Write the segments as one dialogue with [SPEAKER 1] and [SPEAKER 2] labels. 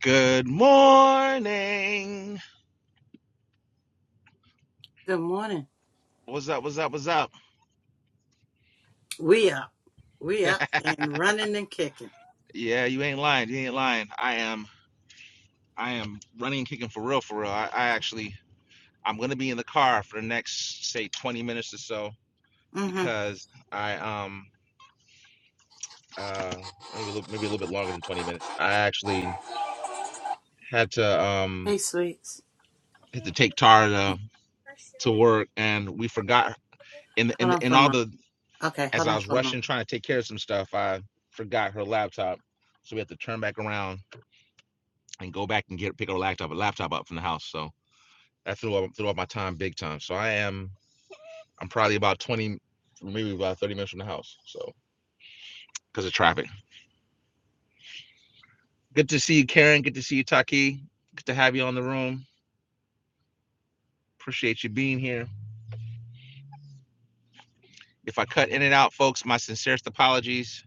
[SPEAKER 1] Good morning.
[SPEAKER 2] Good morning.
[SPEAKER 1] What's up? What's up? What's up?
[SPEAKER 2] We up. We up and running and kicking.
[SPEAKER 1] Yeah, you ain't lying. You ain't lying. I am. I am running and kicking for real. For real. I, I actually. I'm gonna be in the car for the next say 20 minutes or so
[SPEAKER 2] Mm-hmm.
[SPEAKER 1] because I um uh maybe a little, maybe a little bit longer than 20 minutes. I actually had to um
[SPEAKER 2] Hey, sweets.
[SPEAKER 1] had to take Tara
[SPEAKER 2] Hold
[SPEAKER 1] to, to work and we forgot in the, in
[SPEAKER 2] on
[SPEAKER 1] the, in
[SPEAKER 2] for a
[SPEAKER 1] all
[SPEAKER 2] moment.
[SPEAKER 1] the
[SPEAKER 2] Okay,
[SPEAKER 1] as
[SPEAKER 2] hold
[SPEAKER 1] I
[SPEAKER 2] on
[SPEAKER 1] was
[SPEAKER 2] for a moment.
[SPEAKER 1] rushing trying to take care of some stuff I forgot her laptop so we had to turn back around and go back and get pick up a laptop, a laptop up from the house. So that threw up threw up my time big time. So I am I'm probably about twenty, maybe about thirty minutes from the house. So because of traffic. Good to see you, Karen. Good to see you, Taki. Good to have you on the room. Appreciate you being here. If I cut in and out, folks, my sincerest apologies.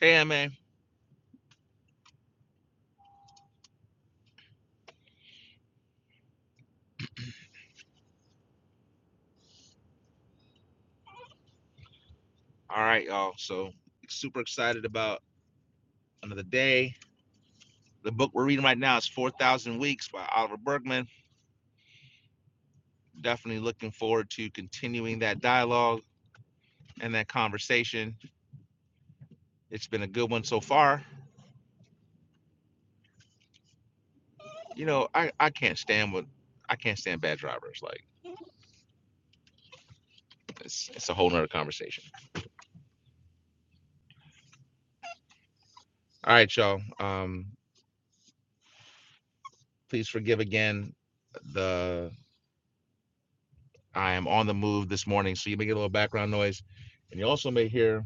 [SPEAKER 1] Hey, man. All right, y'all. So super excited about another day. The book we're reading right now is 4,000 Weeks by Oliver Bergman. Definitely looking forward to continuing that dialogue and that conversation It's been a good one so far. You know, I, I can't stand what I can't stand bad drivers. Like it's it's a whole nother conversation. All right, y'all. Um, please forgive again the I am on the move this morning, so you may get a little background noise. And you also may hear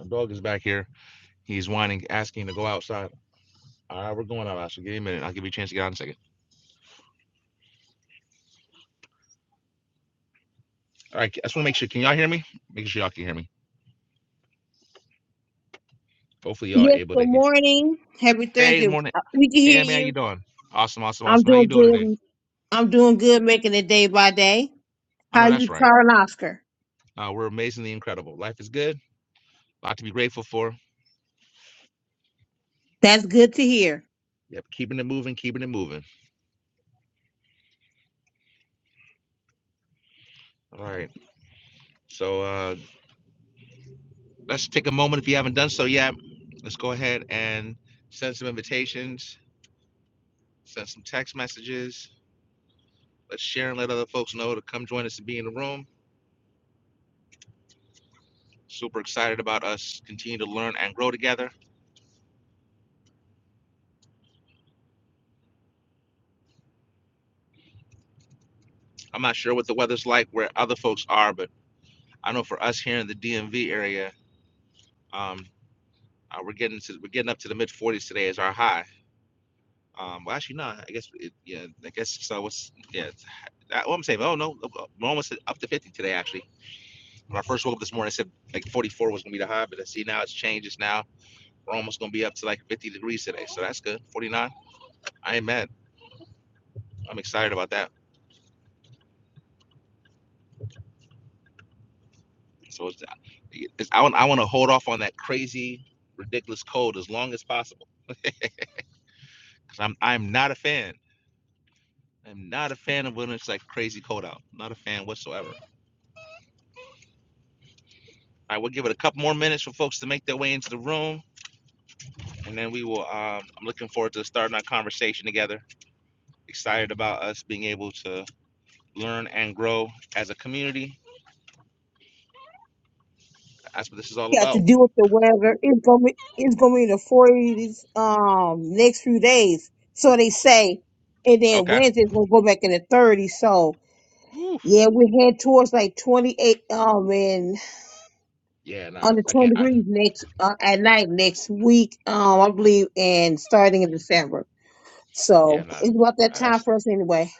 [SPEAKER 1] a dog is back here. He's whining, asking to go outside. All right, we're going out. So give me a minute. I'll give you a chance to get out in a second. All right, I just want to make sure. Can y'all hear me? Make sure y'all can hear me. Hopefully y'all are
[SPEAKER 3] Yes,
[SPEAKER 1] able to
[SPEAKER 3] good
[SPEAKER 1] hear.
[SPEAKER 3] morning. Happy
[SPEAKER 1] Hey,
[SPEAKER 3] Thursday.
[SPEAKER 1] morning.
[SPEAKER 3] Uh, We can hear
[SPEAKER 1] Hey, man, how you
[SPEAKER 3] you.
[SPEAKER 1] doing? Awesome, awesome,
[SPEAKER 3] I'm
[SPEAKER 1] awesome. How you
[SPEAKER 3] doing
[SPEAKER 1] doing today?
[SPEAKER 3] good. I'm doing good making it day by day.
[SPEAKER 1] I
[SPEAKER 3] How
[SPEAKER 1] know
[SPEAKER 3] you,
[SPEAKER 1] that's right.
[SPEAKER 3] Charles Oscar?
[SPEAKER 1] Uh, we're amazingly incredible. Life is good. A lot to be grateful for.
[SPEAKER 3] That's good to hear.
[SPEAKER 1] Yep, keeping it moving, keeping it moving. All right. So uh, let's take a moment if you haven't done so yet. Let's go ahead and send some invitations, send some text messages. Let's share and let other folks know to come join us and be in the room. Super excited about us continue to learn and grow together. I'm not sure what the weather's like where other folks are, but I know for us here in the DMV area, um, uh, we're getting to, we're getting up to the mid 40s today as our high Um, well, actually, no. I guess it, yeah. I guess so. What's yeah? I, well, I'm saying, oh no, we're almost up to 50 today. Actually, when I first woke up this morning, I said like 44 was gonna be the high, but I see now it's changed. It's now we're almost gonna be up to like 50 degrees today, so that's good. 49. I ain't mad. I'm excited about that. So it's, uh, it's I want I want to hold off on that crazy, ridiculous cold as long as possible because I'm I'm not a fan. I'm not a fan of when it's like crazy cold out. Not a fan whatsoever. All right, we'll give it a couple more minutes for folks to make their way into the room. and then we will. Um, I'm looking forward to starting our conversation together. Excited about us being able to learn and grow as a community. That's what this is all
[SPEAKER 3] got to
[SPEAKER 1] about.
[SPEAKER 3] deal with the weather. It's gonna be it's gonna be in the forties um next few days. So they say. And then
[SPEAKER 1] Okay.
[SPEAKER 3] Wednesday's gonna go back in the thirties. So
[SPEAKER 1] Woo.
[SPEAKER 3] yeah, we head towards like twenty eight um and
[SPEAKER 1] Yeah, nah,
[SPEAKER 3] under
[SPEAKER 1] I
[SPEAKER 3] twenty
[SPEAKER 1] can't. I,
[SPEAKER 3] degrees next uh, at night next week, um I believe and starting in December.
[SPEAKER 1] yeah,
[SPEAKER 3] So
[SPEAKER 1] nah,
[SPEAKER 3] it's about that
[SPEAKER 1] nah,
[SPEAKER 3] time
[SPEAKER 1] that's
[SPEAKER 3] for us anyway.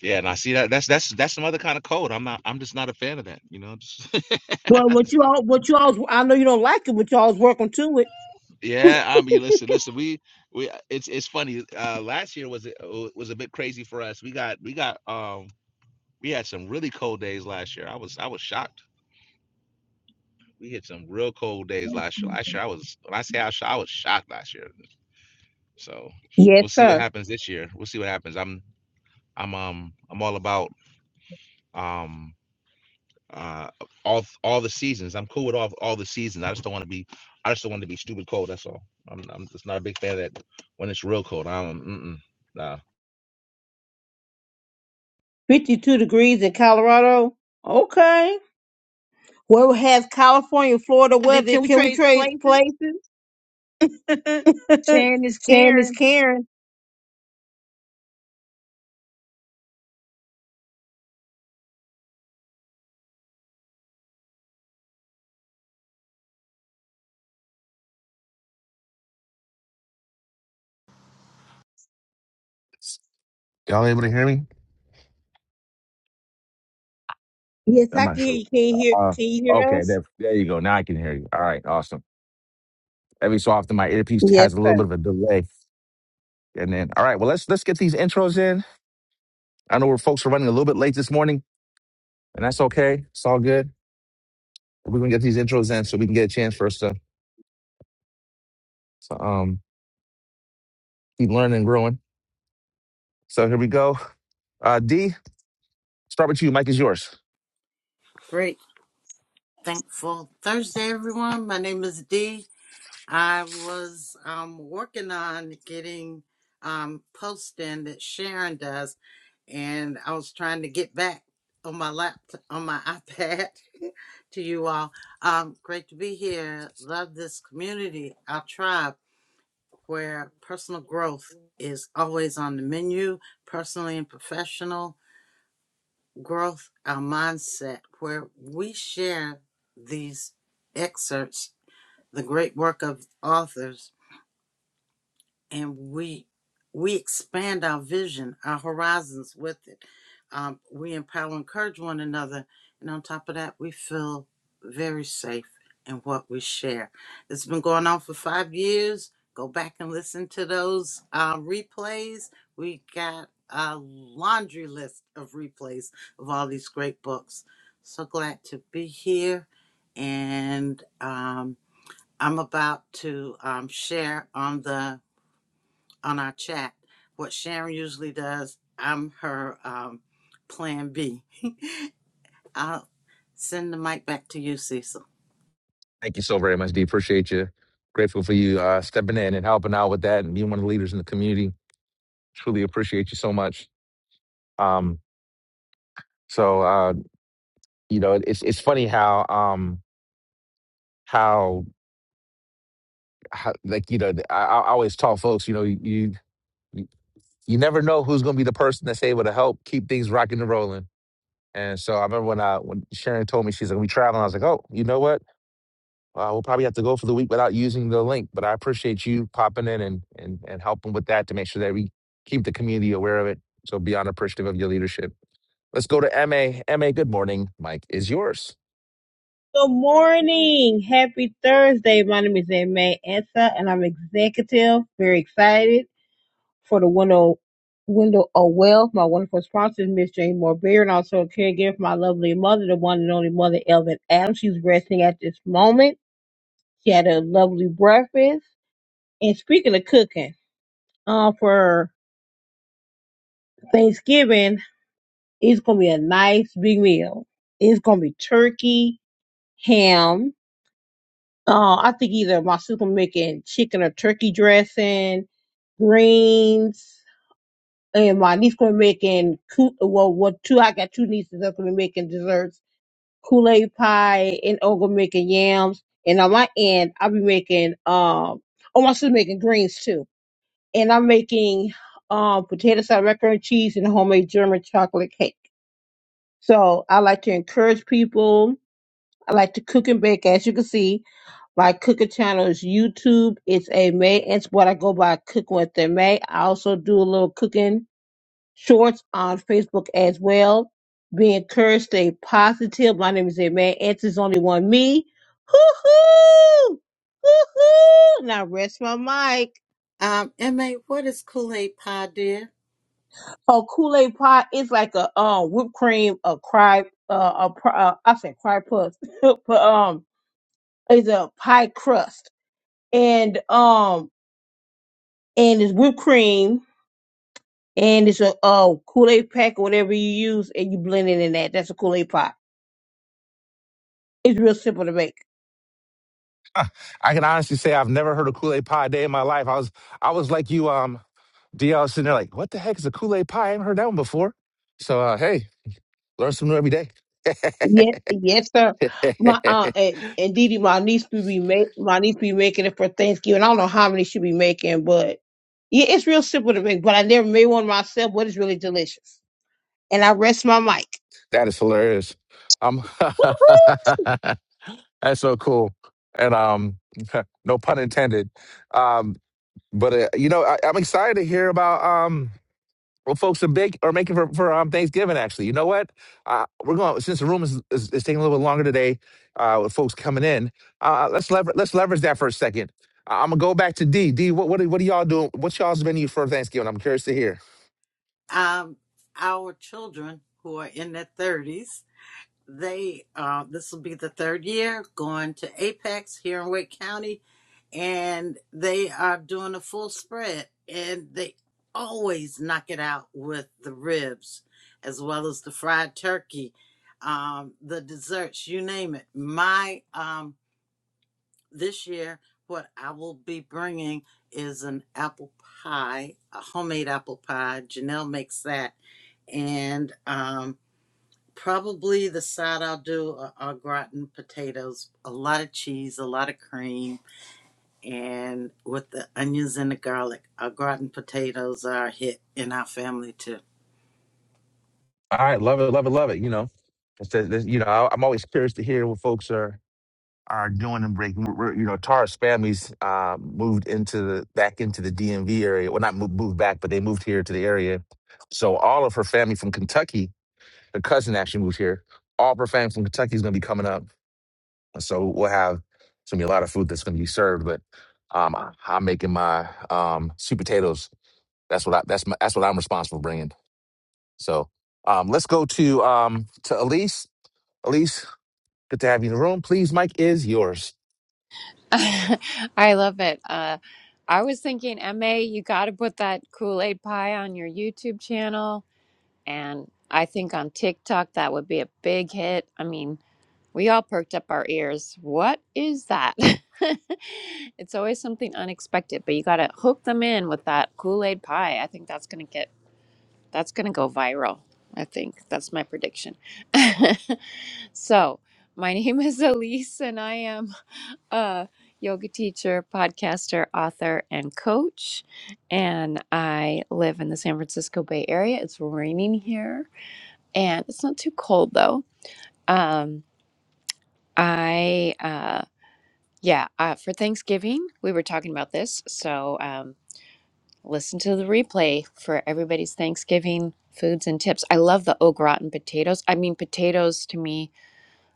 [SPEAKER 1] yeah, nah. See that that's that's that's some other kind of code. I'm not. I'm just not a fan of that. You know. Just,
[SPEAKER 3] Well, what you all, what you all, I know you don't like it, but you alls working to it.
[SPEAKER 1] yeah, I mean, listen, listen. We we it's it's funny. Uh, last year was uh, was a bit crazy for us. We got we got um we had some really cold days last year. I was I was shocked We hit some real cold days last year. Last year, I was when I say I, was I was shocked last year. So
[SPEAKER 3] Yes,
[SPEAKER 1] we'll see what
[SPEAKER 3] sir.
[SPEAKER 1] happens this year. We'll see what happens. I'm I'm um I'm all about um uh all all the seasons. I'm cool with all all the seasons. I just don't want to be I just don't want to be stupid cold. That's all. I'm I'm just not a big fan of that when it's real cold. I don't mm-mm, nah.
[SPEAKER 3] 52 degrees in Colorado. Okay. Well, has California, Florida
[SPEAKER 1] Then
[SPEAKER 3] weather?
[SPEAKER 1] Can we
[SPEAKER 3] Can we
[SPEAKER 1] trade
[SPEAKER 3] trade
[SPEAKER 1] places?
[SPEAKER 3] places?
[SPEAKER 1] Shan is
[SPEAKER 3] Sharon is
[SPEAKER 1] Karen.
[SPEAKER 3] Karen.
[SPEAKER 1] Y'all able to hear me?
[SPEAKER 3] Yes,
[SPEAKER 1] I'm
[SPEAKER 3] I can
[SPEAKER 1] not sure.
[SPEAKER 3] hear you. Can you hear?
[SPEAKER 1] Uh,
[SPEAKER 3] Can you hear
[SPEAKER 1] okay,
[SPEAKER 3] us?
[SPEAKER 1] there, there you go. Now I can hear you. All right, awesome. every so often my earpiece
[SPEAKER 3] Yes,
[SPEAKER 1] has a little
[SPEAKER 3] sir.
[SPEAKER 1] bit of a delay. And then, all right, well let's let's get these intros in. I know we're folks are running a little bit late this morning, and that's okay. It's all good. We're gonna get these intros in so we can get a chance for us to, to um keep learning and growing. So here we go. Uh D, start with you. Mike is yours.
[SPEAKER 2] Great. Thankful Thursday, everyone. My name is Dee. I was um, working on getting um, posting that Sharon does, and I was trying to get back on my laptop, on my iPad to you all. Um, great to be here. Love this community, our tribe. where personal growth is always on the menu, personally and professional growth, our mindset, where we share these excerpts, the great work of authors and we we expand our vision, our horizons with it. Um, we empower, and encourage one another, and on top of that, we feel very safe in what we share. It's been going on for five years. Go back and listen to those uh, replays. We got a laundry list of replays of all these great books. So glad to be here, and um, I'm about to um, share on the on our chat. What Sharon usually does, I'm her um, plan B. I'll send the mic back to you, Cecil.
[SPEAKER 1] Thank you so very much, D. Appreciate you. Grateful for you uh stepping in and helping out with that and being one of the leaders in the community. Truly appreciate you so much. Um so uh, you know, it's it's funny how um how how, like you know, I, I always tell folks, you know, you you, you never know who's going to be the person that's able to help keep things rocking and rolling. And so I remember when I when Sharon told me she's like we traveling, I was like, oh, you know what? Uh, we'll probably have to go for the week without using the link, but I appreciate you popping in and and and helping with that to make sure that we keep the community aware of it. So beyond appreciative of your leadership. Let's go to M A. M A. good morning. Mike is yours.
[SPEAKER 3] Good morning. Happy Thursday. My name is Aimee Ansa, and I'm executive. Very excited. for the window window of wealth. My wonderful sponsor is Miss Jane Moore Beard, and also a caregiver for my lovely mother, the one and only mother Elvin Adams. She's resting at this moment. She had a lovely breakfast. And speaking of cooking, uh, for Thanksgiving, it's gonna be a nice big meal. It's gonna be turkey, ham. Uh, I think either my sister making chicken or turkey dressing, greens. and my niece gonna be making coo- well, what two I got two nieces that's gonna be making desserts, Kool Aid pie, and I'm gonna be making yams, and on my end I'll be making um, oh my sister's making greens too, and I'm making um potato salad, macaroni and cheese, and homemade German chocolate cake. So I like to encourage people. I like to cook and bake. As you can see, my cooking channel is YouTube. It's a May. It's what I go by cooking with the May. I also do a little cooking shorts on Facebook as well. Be encouraged, stay positive. My name is Man Answers only one me. Hoo hoo! Hoo hoo! Now rest my mic.
[SPEAKER 2] Um, MA, what is Kool Aid Pie, dear?
[SPEAKER 3] Oh, Kool-Aid pie is like a um whipped cream, a cry, uh, a pr- uh, I said cry puff, but um, it's a pie crust and um and it's whipped cream and it's a uh Kool-Aid pack or whatever you use and you blend it in that. That's a Kool-Aid pie. It's real simple to make.
[SPEAKER 1] I can honestly say I've never heard a Kool Aid pie a day in my life. I was I was like you, um, DL, sitting there like, what the heck is a Kool Aid pie? I haven't heard that one before. So uh, hey, learn something new every day.
[SPEAKER 3] Yes, yes, sir. My uh, and, and Didi, my niece will be make my niece be making it for Thanksgiving. I don't know how many she be making, but yeah, it's real simple to make. But I never made one myself, but it's really delicious. And I rest my mic.
[SPEAKER 1] that is hilarious. Um, that's so cool, and um, no pun intended. Um, but uh, you know, I, I'm excited to hear about. um. Well, folks are big are making for, for um, Thanksgiving. Actually, you know what? Uh, we're going since the room is, is, is taking a little bit longer today uh, with folks coming in. Uh, uh, let's lever- let's leverage that for a second. Uh, I'm gonna go back to D. D, what what are, what are y'all doing? What's y'all's menu for Thanksgiving? I'm curious to hear.
[SPEAKER 2] Um, our children who are in their 30s, they uh, this will be the third year going to Apex here in Wake County and they are doing a full spread and they always knock it out with the ribs as well as the fried turkey um the desserts you name it my um this year what i will be bringing is an apple pie a homemade apple pie janelle makes that and um probably the side i'll do are, are gratin potatoes a lot of cheese a lot of cream and with the onions and the garlic. Our garden potatoes are a hit in our family too.
[SPEAKER 1] All right, love it, love it, love it. You know, it's just, it's- you know, I, I'm always curious to hear what folks are are doing and breaking. We're, we're- you know, Tara's family's uh, moved into the back into the DMV area. Well, not moved, moved back, but they moved here to the area. So all of her family from Kentucky, her cousin actually moved here. All of her family from Kentucky is going to be coming up, so we'll have it's going to be a lot of food that's going to be served. But um, I, I'm making my um, sweet potatoes. That's what I that's my, that's what I'm responsible for bringing. So um, let's go to um, to Elise. Elise, good to have you in the room. Please, Mike is yours.
[SPEAKER 4] I love it. Uh, I was thinking, MA, you got to put that Kool Aid pie on your YouTube channel. And I think on TikTok, that would be a big hit. I mean, we all perked up our ears. What is that? it's always something unexpected, but you got to hook them in with that Kool Aid pie. I think that's going to get, that's going to go viral. I think that's my prediction. so, my name is Elise, and I am uh, yoga teacher, podcaster, author, and coach. And I live in the San Francisco Bay Area. It's raining here, and it's not too cold though. Um, I uh, yeah, uh, for Thanksgiving we were talking about this, so um, listen to the replay for everybody's Thanksgiving foods and tips. I love the au gratin potatoes. I mean, potatoes to me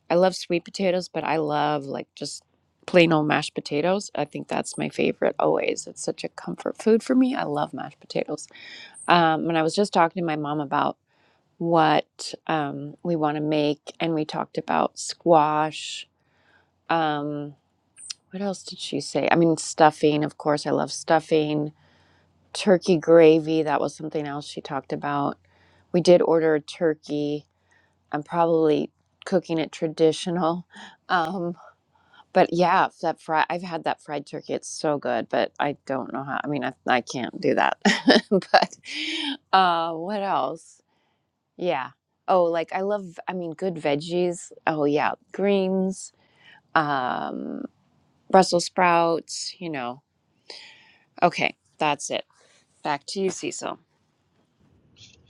[SPEAKER 4] I love sweet potatoes, but I love like just plain old mashed potatoes. I think that's my favorite always. It's such a comfort food for me. I love mashed potatoes. Um, and I was just talking to my mom about what um, we want to make, and we talked about squash. Um, what else did she say? I mean, stuffing, of course. I love stuffing. Turkey gravy, that was something else she talked about. We did order a turkey. I'm probably cooking it traditional. Um, But yeah, that fried I've had that fried turkey. It's so good, but I don't know how. I mean, I, I can't do that. But uh what else? Yeah. Oh, like I love I mean good veggies. Oh yeah, greens, um Brussels sprouts, you know. Okay, that's it. Back to you, Cecil.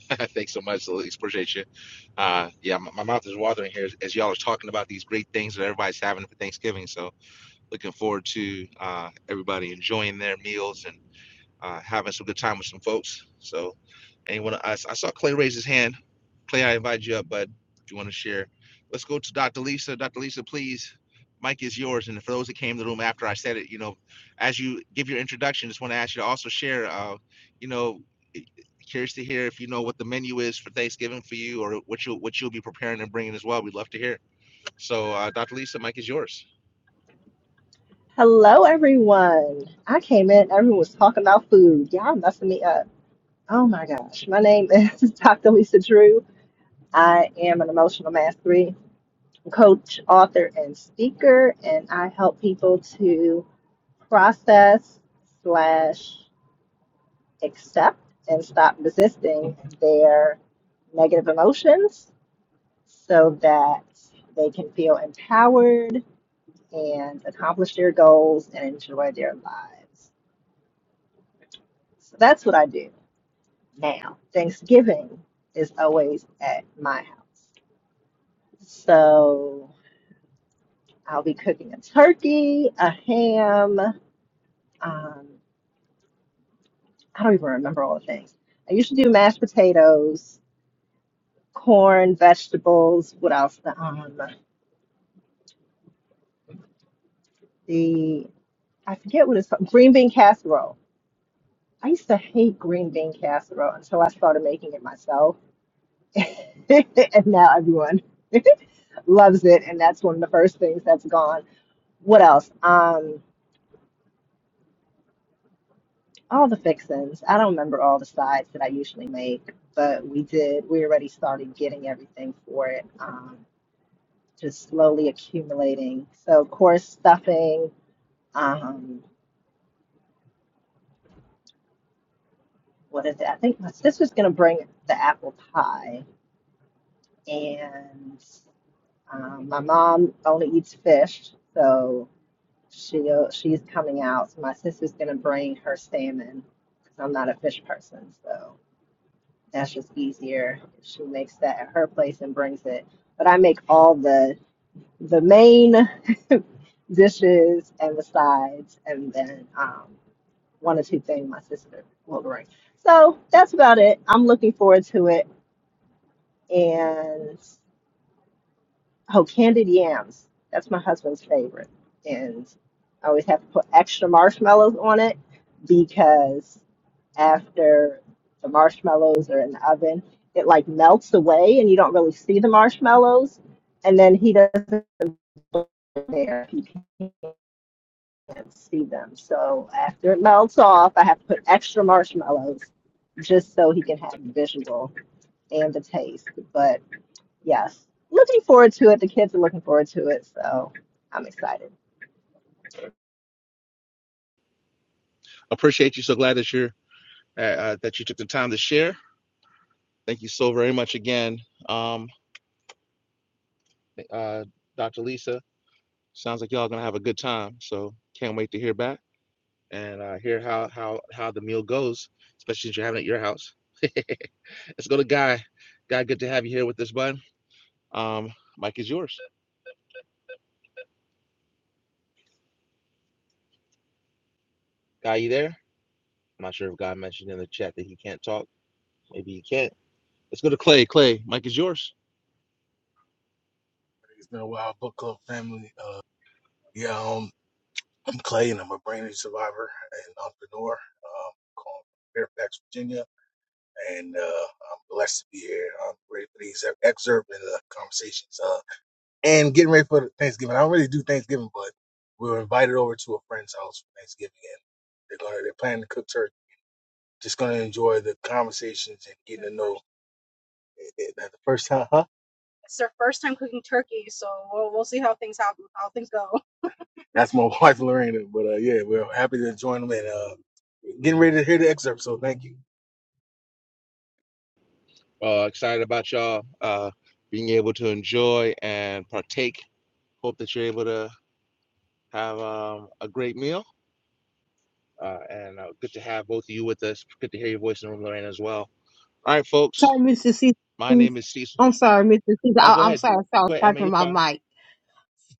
[SPEAKER 1] Thanks so much, Elise. Appreciate you. Uh, yeah, my, my mouth is watering here as, as y'all are talking about these great things that everybody's having for Thanksgiving. So looking forward to uh, everybody enjoying their meals and. uh, having some good time with some folks. So, anyone, I, I saw Clay raise his hand. Clay, I invite you up, bud, if you want to share. Let's go to Dr. Lisa. Dr. Lisa, please, mic is yours. And for those that came to the room after I said it, you know, as you give your introduction, just want to ask you to also share, uh, you know, eh, curious to hear if you know what the menu is for Thanksgiving for you or what you what you'll be preparing and bringing as well. We'd love to hear. So, uh, Dr. Lisa, mic is yours.
[SPEAKER 5] Hello, everyone. I came in, everyone was talking about food. Y'all messing me up. Oh my gosh. My name is Dr. Lisa Drew. I am an emotional mastery coach, author, and speaker, and I help people to process slash accept and stop resisting their negative emotions so that they can feel empowered and accomplish their goals and enjoy their lives. So that's what I do now. Thanksgiving is always at my house. So I'll be cooking a turkey, a ham. Um, I don't even remember all the things. I usually do mashed potatoes, corn, vegetables. What else? The, um, the I forget what it's called. Green bean casserole. I used to hate green bean casserole until I started making it myself, and now everyone loves it. And that's one of the first things that's gone. What else? Um, all the fixings. I don't remember all the sides that I usually make, but we did. We already started getting everything for it, um, just slowly accumulating. So, of course, stuffing. Um, what is it? I think my sister's gonna bring the apple pie, and um, my mom only eats fish, so she she's coming out. So my sister's gonna bring her salmon because I'm not a fish person, so. That's just easier. She makes that at her place and brings it. But I make all the the main dishes and the sides, and then um, one or two things my sister will bring. So that's about it. I'm looking forward to it, and. Oh, candied yams. That's my husband's favorite. And I always have to put extra marshmallows on it because after the marshmallows are in the oven, it like melts away and you don't really see the marshmallows. And then he doesn't put them there if you can't see them. So after it melts off, I have to put extra marshmallows just so he can have the visual and the taste. But yes, looking forward to it. The kids are looking forward to it. So I'm excited.
[SPEAKER 1] Appreciate you. So glad that you're uh, uh, that you took the time to share. Thank you so very much again. Um, uh, Dr. Lisa, sounds like y'all gonna have a good time. So can't wait to hear back and uh, hear how how how the meal goes, especially since you're having it at your house. Let's go to Guy. Guy, good to have you here with us, bud. Um, Mike is yours. Guy, you there? I'm not sure if Guy mentioned in the chat that he can't talk. Maybe he can't. Let's go to Clay. Clay, Mike is yours.
[SPEAKER 6] It's been a while, book club family. Uh, yeah, um, I'm Clay, and I'm a brain injury survivor and entrepreneur. Um, calling from Fairfax, Virginia, and uh, I'm blessed to be here. I'm ready for these excerpt and uh, conversations, uh, and getting ready for Thanksgiving. I don't really do Thanksgiving, but we were invited over to a friend's house for Thanksgiving, and they're gonna they're planning to cook turkey. Just gonna enjoy the conversations and getting to know. eh, eh, The first time, huh? It's their first time cooking turkey, so we'll we'll see how How things things happen. how things go. That's my wife, Lorena. But uh, yeah, we're happy to join them and uh, getting ready to hear the excerpt. So thank you.
[SPEAKER 1] Uh, excited about y'all uh, being able to enjoy and partake. Hope that you're able to have um, a great meal Uh, and uh, good to have both of you with us. Good to hear your voice in the room, Lorraine, as well. All right, folks.
[SPEAKER 3] Sorry, Mr. C.
[SPEAKER 1] My name is Cecil.
[SPEAKER 3] I'm sorry, Mr. C.
[SPEAKER 1] Oh, go
[SPEAKER 3] I, I'm
[SPEAKER 1] ahead.
[SPEAKER 3] sorry, I was
[SPEAKER 1] Go ahead, Emma.
[SPEAKER 3] typing
[SPEAKER 1] You're
[SPEAKER 3] my
[SPEAKER 1] fine.
[SPEAKER 3] mic.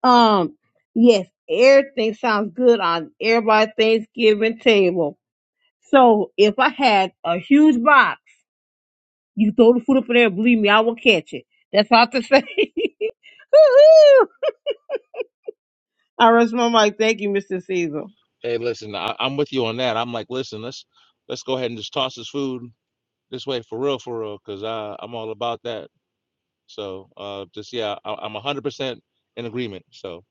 [SPEAKER 3] Um, yes, everything sounds good on everybody's Thanksgiving table. So if I had a huge box. You throw the food up in there, believe me, I will catch it. That's all I have to say. Woo-hoo. I rest my mic. Thank you, Mr. Caesar.
[SPEAKER 1] Hey, listen, I, I'm with you on that. I'm like, listen, let's let's go ahead and just toss this food this way for real, for real, because I'm all about that. So uh, just yeah, I, I'm 100% in agreement. So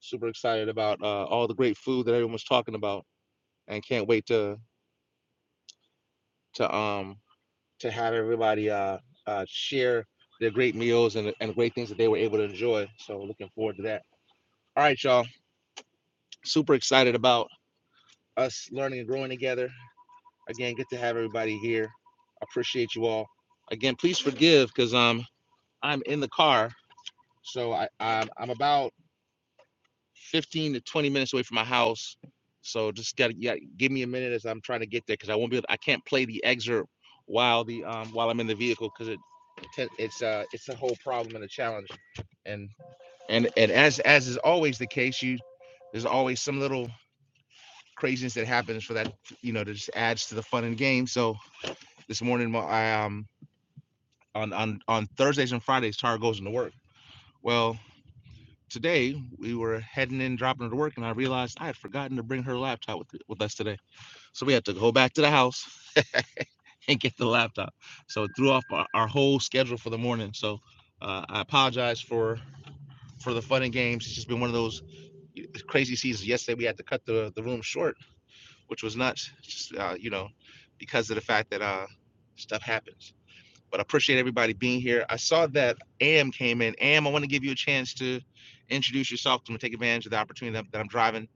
[SPEAKER 1] super excited about uh, all the great food that everyone's talking about, and can't wait to to um to have everybody uh, uh, share their great meals and, and great things that they were able to enjoy. So looking forward to that. All right, y'all. Super excited about us learning and growing together. Again, good to have everybody here. Appreciate you all. Again, please forgive because um I'm in the car, so I I'm, I'm about 15 to 20 minutes away from my house. So just gotta yeah, give me a minute as I'm trying to get there because I won't be able, I can't play the excerpt while the um while I'm in the vehicle because it it's uh it's a whole problem and a challenge and and and as as is always the case you there's always some little craziness that happens for that you know that just adds to the fun and game so this morning my- I um on on on Thursdays and Fridays Tara goes into work well today we were heading in, dropping her to work, and I realized I had forgotten to bring her laptop with, with us today. So we had to go back to the house and get the laptop. So it threw off our, our whole schedule for the morning. So uh, I apologize for for the fun and games. It's just been one of those crazy seasons. Yesterday we had to cut the, the room short, which was nuts, just uh, you know, because of the fact that uh, stuff happens but I appreciate everybody being here. I saw that Am came in. Am, I want to give you a chance to introduce yourself to take advantage of the opportunity that, that I'm driving,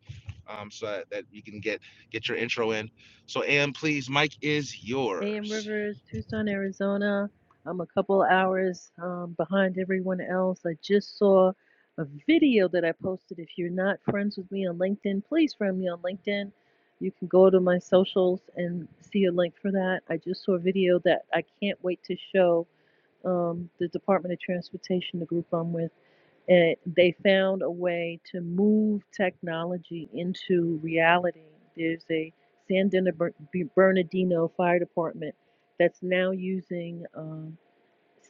[SPEAKER 1] um, so that, you can get get your intro in. So Am, please, Mike is
[SPEAKER 7] AM
[SPEAKER 1] yours.
[SPEAKER 7] Rivers, Tucson, Arizona. I'm a couple hours um, behind everyone else. I just saw a video that I posted. If you're not friends with me on LinkedIn, please friend me on LinkedIn. You can go to my socials and see a link for that. I just saw a video that I can't wait to show um, the Department of Transportation, the group I'm with and they found a way to move technology into reality. There's a San Den- Bernardino Fire Department that's now using um,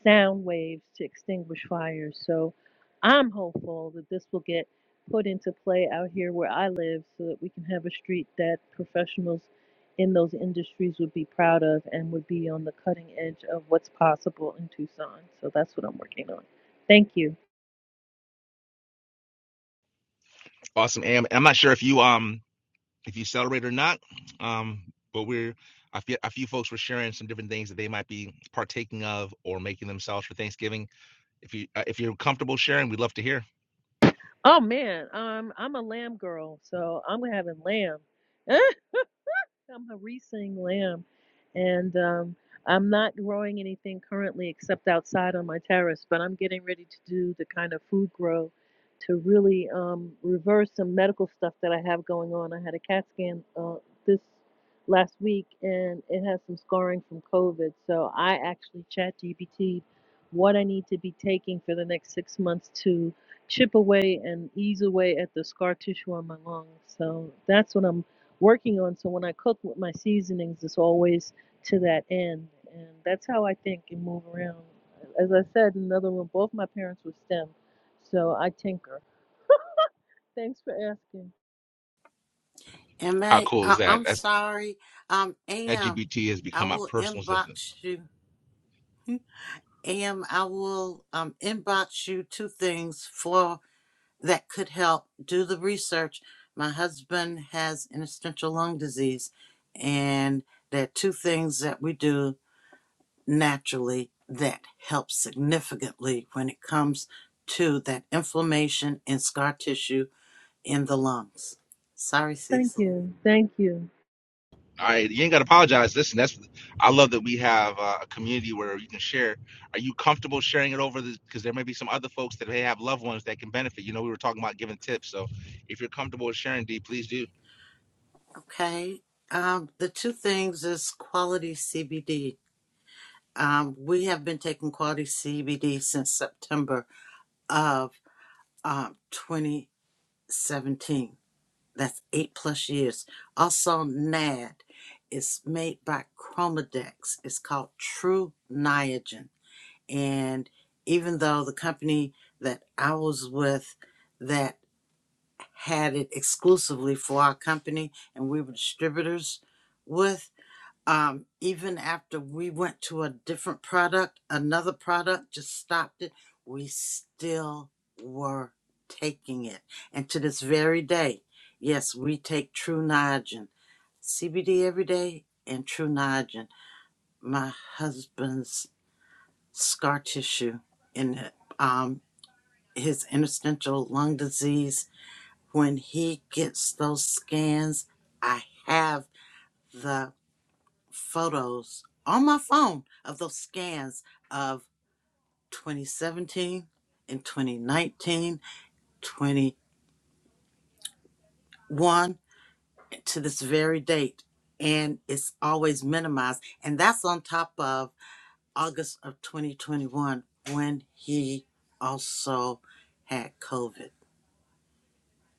[SPEAKER 7] sound waves to extinguish fires. So I'm hopeful that this will get put into play out here where I live so that we can have a street that professionals in those industries would be proud of and would be on the cutting edge of what's possible in Tucson. So that's what I'm working on. Thank you.
[SPEAKER 1] Awesome, Am. I'm not sure if you um if you celebrate or not, um, but we're a few, a few folks were sharing some different things that they might be partaking of or making themselves for Thanksgiving. If you uh, if you're comfortable sharing, we'd love to hear.
[SPEAKER 7] Oh man, um, I'm a lamb girl, so I'm having lamb. I'm a harissing lamb, and um, I'm not growing anything currently except outside on my terrace. But I'm getting ready to do the kind of food grow to really um, reverse some medical stuff that I have going on. I had a CAT scan uh, this last week, and it has some scarring from COVID. So I actually chat GPT what I need to be taking for the next six months to chip away and ease away at the scar tissue on my lungs. So that's what I'm working on. So when I cook with my seasonings, it's always to that end. And that's how I think and move around. As I said in another room, both my parents were STEM, so I tinker. Thanks for asking.
[SPEAKER 1] How
[SPEAKER 2] Ma,
[SPEAKER 1] cool is
[SPEAKER 2] I-
[SPEAKER 1] that?
[SPEAKER 2] I'm
[SPEAKER 1] That's
[SPEAKER 2] sorry. Um, Am,
[SPEAKER 1] LGBT has
[SPEAKER 2] I
[SPEAKER 1] become my
[SPEAKER 2] will
[SPEAKER 1] personal assistant.
[SPEAKER 2] inbox you. Am, I will um inbox you two things for that could help. Do the research. My husband has interstitial lung disease, and there are two things that we do naturally that helps significantly when it comes to that inflammation and scar tissue in the lungs. Sorry,
[SPEAKER 7] Thank
[SPEAKER 2] Cecil.
[SPEAKER 7] you. Thank you.
[SPEAKER 1] All right, you ain't got to apologize. Listen, that's I love that we have uh, a community where you can share. Are you comfortable sharing it over the? Because there may be some other folks that may have loved ones that can benefit. You know, we were talking about giving tips, so if you're comfortable with sharing, D, please do.
[SPEAKER 2] Okay. Um, the two things is quality CBD. Um, we have been taking quality CBD since September of um, 2017. That's eight plus years. Also, NAD. is made by Chromadex. It's called True Niagen And even though the company that I was with that had it exclusively for our company and we were distributors with, um, even after we went to a different product, another product just stopped it, we still were taking it. And to this very day, yes, we take True Niagen, CBD every day, and True Niagen. My husband's scar tissue in um, his interstitial lung disease. When he gets those scans, I have the photos on my phone of those scans of 2017 and 2019, 21 to this very date. And it's always minimized. And that's on top of August of 2021 when he also had COVID.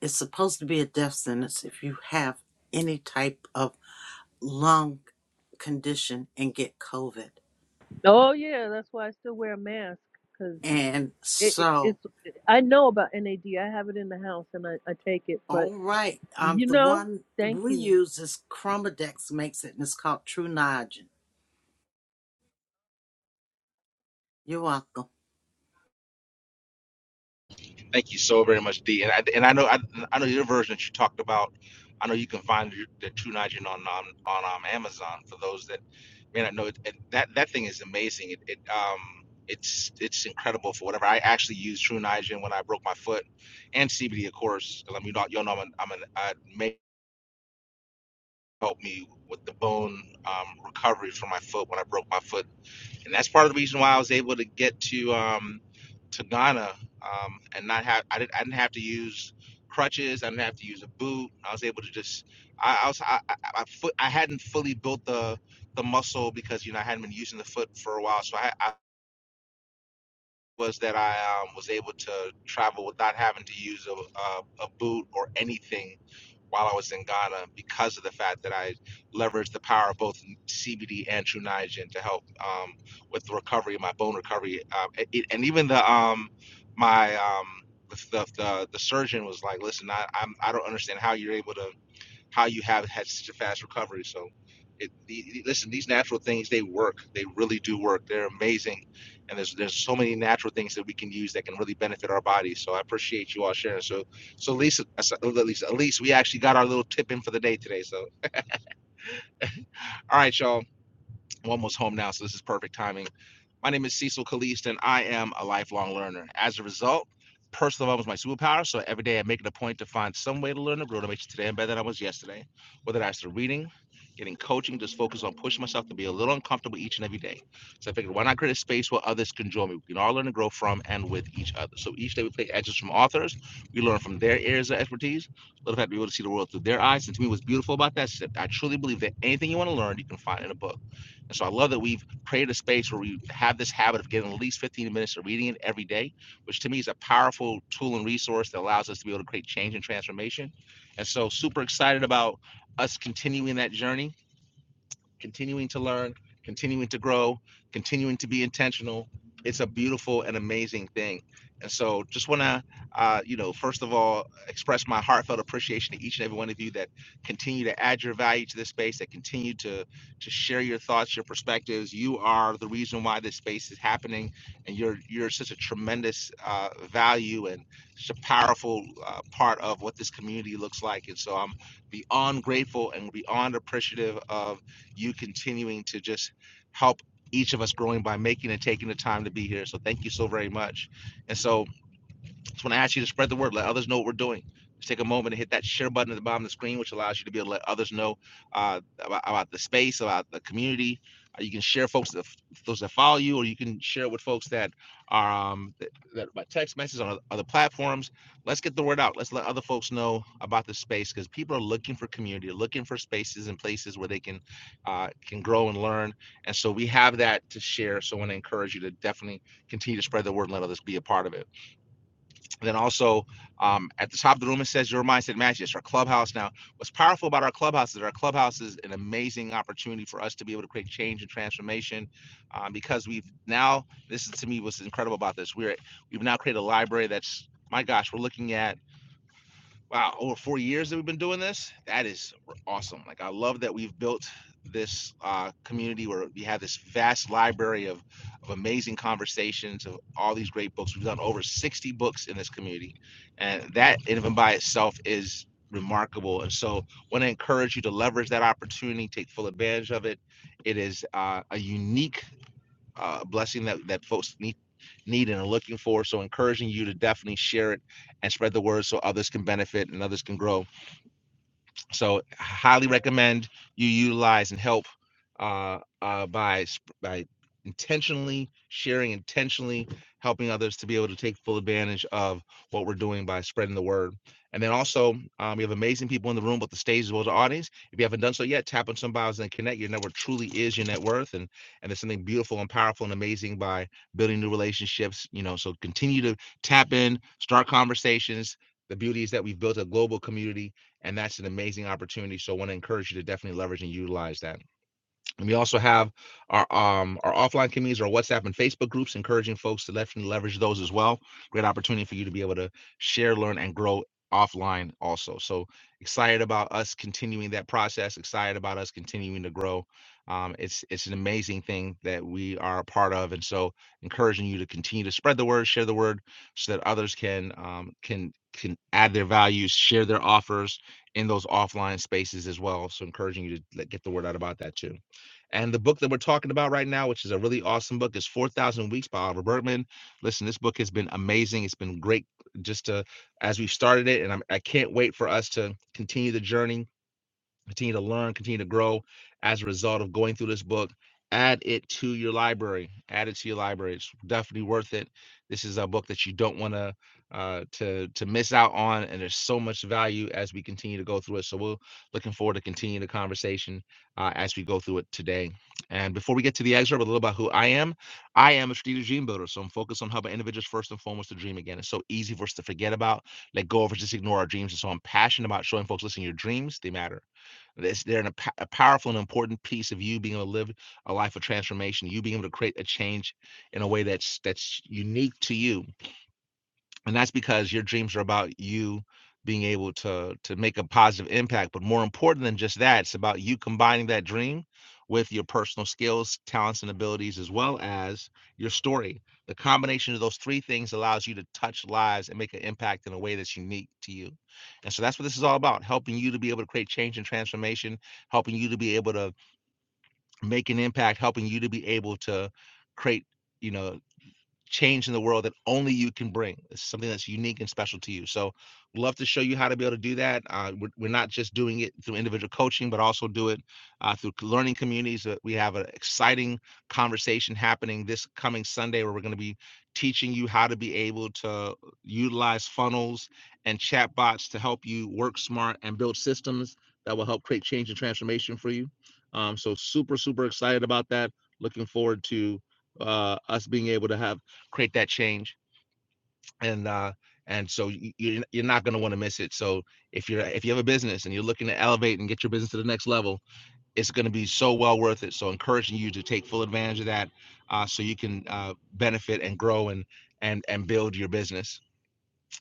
[SPEAKER 2] It's supposed to be a death sentence if you have any type of lung condition and get COVID.
[SPEAKER 7] Oh, yeah, that's why I still wear a mask because
[SPEAKER 2] And
[SPEAKER 7] it, it,
[SPEAKER 2] so,
[SPEAKER 7] it's, I know about NAD. I have it in the house and I, I take it, but
[SPEAKER 2] all right, um,
[SPEAKER 7] you
[SPEAKER 2] the
[SPEAKER 7] know,
[SPEAKER 2] one
[SPEAKER 7] thank
[SPEAKER 2] we
[SPEAKER 7] you.
[SPEAKER 2] use is Chromadex makes it, and it's called True Niagen. You're welcome.
[SPEAKER 1] Thank you so very much, D. And I and I know I, I know your version that you talked about. I know you can find your- the True Nitrogen on on on um, Amazon for those that may not know. It, it- that that thing is amazing. It, it um it's it's incredible for whatever. I actually used True Nitrogen when I broke my foot, and CBD of course. 'cause I mean, you know, y'all know I'm an, I'm an uh, may help me with the bone um, recovery for my foot when I broke my foot and that's part of the reason why I was able to get to um, to Ghana um, and not have I didn't I didn't have to use crutches. I didn't have to use a boot. I was able to just I, I was I, I, I, foot, I hadn't fully built the the muscle because you know I hadn't been using the foot for a while, so I, I was that I um, was able to travel without having to use a, a, a boot or anything while I was in Ghana because of the fact that I leveraged the power of both CBD and True Niagen to help um, with the recovery, my bone recovery, um, it, and even the um, my um, the, the the the surgeon was like, "Listen, I I'm, I don't understand how you're able to." how you have had such a fast recovery. So, it, the, listen, these natural things they work. They really do work. They're amazing, and there's there's so many natural things that we can use that can really benefit our bodies. So I appreciate you all sharing. So so Lisa, uh, so- uh, Lisa, at least we actually got our little tip in for the day today. So all right, y'all, I'm almost home now, so this is perfect timing. My name is Cecil Kalist, and I am a lifelong learner. As a result, personal development is my superpower. So every day I make it a point to find some way to learn and grow to make you today better than I was yesterday. Whether that's through reading, getting coaching, just focus on pushing myself to be a little uncomfortable each and every day. So I figured, why not create a space where others can join me? We can all learn and grow from and with each other. So each day we play excerpts from authors. We learn from their areas of expertise. Little fact, we able to see the world through their eyes. And to me, what's beautiful about that is that I truly believe that anything you want to learn, you can find in a book. And so I love that we've created a space where we have this habit of getting at least 15 minutes of reading it every day, which to me is a powerful tool and resource that allows us to be able to create change and transformation. And so, super excited about us continuing that journey continuing to learn, continuing to grow, continuing to be intentional. It's a beautiful and amazing thing. And so just want to, uh, you know, first of all, express my heartfelt appreciation to each and every one of you that continue to add your value to this space, that continue to to share your thoughts, your perspectives. You are the reason why this space is happening, and you're you're such a tremendous uh, value and such a powerful uh, part of what this community looks like. And so I'm beyond grateful and beyond appreciative of you continuing to just help each of us growing by making and taking the time to be here. So thank you so very much. And so just want to ask you to spread the word, let others know what we're doing. Just take a moment and hit that share button at the bottom of the screen, which allows you to be able to let others know uh, about, about the space, about the community. Uh, you can share folks that those that follow you, or you can share with folks that are um, that, that by text messages on other platforms. Let's get the word out. Let's let other folks know about the space because people are looking for community, looking for spaces and places where they can uh, can grow and learn. And so we have that to share. So I want to encourage you to definitely continue to spread the word and let others be a part of it. Then also um, at the top of the room, it says your mindset matches our clubhouse. Now, what's powerful about our clubhouse is our clubhouse is an amazing opportunity for us to be able to create change and transformation um, because we've now, this is to me what's incredible about this. We're, we've now created a library that's, my gosh, we're looking at wow, over four years that we've been doing this. That is awesome. Like, I love that we've built this uh, community where we have this vast library of, of amazing conversations of all these great books. We've done over 60 books in this community, and that even by itself is remarkable. And so, I want to encourage you to leverage that opportunity, take full advantage of it. It is uh, a unique uh, a blessing that that folks need need and are looking for. So encouraging you to definitely share it and spread the word so others can benefit and others can grow. So highly recommend you utilize and help uh, uh, by by intentionally sharing, intentionally helping others to be able to take full advantage of what we're doing by spreading the word. And then also, um, we have amazing people in the room, both the stage as well as the audience. If you haven't done so yet, tap on some bios and connect. Your network truly is your net worth, and and there's something beautiful and powerful and amazing by building new relationships. You know, so continue to tap in, start conversations. The beauty is that we've built a global community and that's an amazing opportunity. So I want to encourage you to definitely leverage and utilize that. And we also have our um our offline communities, our WhatsApp and Facebook groups, encouraging folks to definitely leverage those as well. Great opportunity for you to be able to share, learn, and grow offline also. So excited about us continuing that process. Excited about us continuing to grow. Um, it's it's an amazing thing that we are a part of, and so encouraging you to continue to spread the word, share the word, so that others can um, can can add their values, share their offers in those offline spaces as well. So encouraging you to like, get the word out about that too. And the book that we're talking about right now, which is a really awesome book, is 4,000 Weeks by Oliver Burkeman. Listen, this book has been amazing. It's been great just to, as we've started it. And I'm, I can't wait for us to continue the journey continue to learn, continue to grow as a result of going through this book. Add it to your library. Add it to your library. It's definitely worth it. This is a book that you don't want to uh, to to miss out on, and there's so much value as we continue to go through it. So we're looking forward to continue the conversation uh, as we go through it today. And before we get to the excerpt, a little about who I am. I am a strategic dream builder, so I'm focused on helping individuals first and foremost to dream again. It's so easy for us to forget about, let go of, or just ignore our dreams. And so I'm passionate about showing folks, listen, your dreams they matter it's, they're in a, p- a powerful and important piece of you being able to live a life of transformation, you being able to create a change in a way that's that's unique to you and that's because your dreams are about you being able to to make a positive impact but more important than just that it's about you combining that dream with your personal skills talents and abilities as well as your story the combination of those three things allows you to touch lives and make an impact in a way that's unique to you and so that's what this is all about helping you to be able to create change and transformation helping you to be able to make an impact helping you to be able to create you know change in the world that only you can bring. It's something that's unique and special to you. So, we'd love to show you how to be able to do that. Uh, we're, we're not just doing it through individual coaching, but also do it uh, through learning communities. Uh, we have an exciting conversation happening this coming Sunday where we're going to be teaching you how to be able to utilize funnels and chatbots to help you work smart and build systems that will help create change and transformation for you. Um, so, super, super excited about that. Looking forward to uh, us being able to have create that change and uh and so you, you're you're not going to want to miss it so if you're if you have a business and you're looking to elevate and get your business to the next level it's going to be so well worth it so encouraging you to take full advantage of that uh, so you can uh, benefit and grow and and and build your business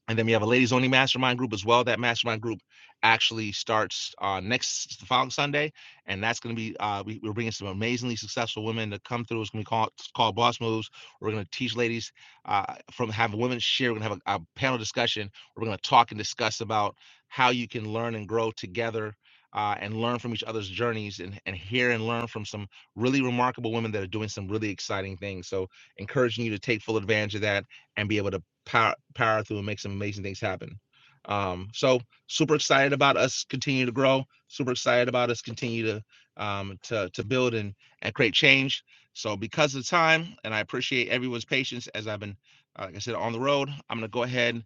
[SPEAKER 1] and then we have a ladies only mastermind group as well. That mastermind group actually starts uh, next the following Sunday, and that's going to be uh, we, we're bringing some amazingly successful women to come through. It's going to be called called Boss Moves. We're going to teach ladies uh, from having women share. We're going to have a, a panel discussion. We're going to talk and discuss about how you can learn and grow together. Uh, and learn from each other's journeys and, and hear and learn from some really remarkable women that are doing some really exciting things. So, encouraging you to take full advantage of that and be able to power power through and make some amazing things happen. Um, so super excited about us continue to grow. Super excited about us continue to um, to to build and and create change. So because of the time, and I appreciate everyone's patience as I've been, uh, like I said, on the road. I'm gonna go ahead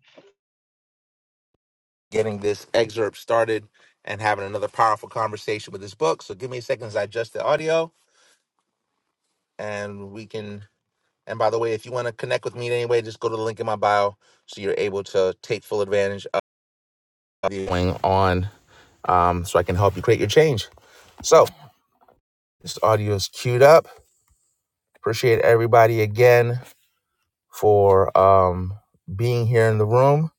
[SPEAKER 1] getting this excerpt started and having another powerful conversation with this book. So give me a second as I adjust the audio, and we can. And by the way, if you want to connect with me in any way, just go to the link in my bio so you're able to take full advantage going on um, so I can help you create your change. So this audio is queued up. Appreciate everybody again for um, being here in the room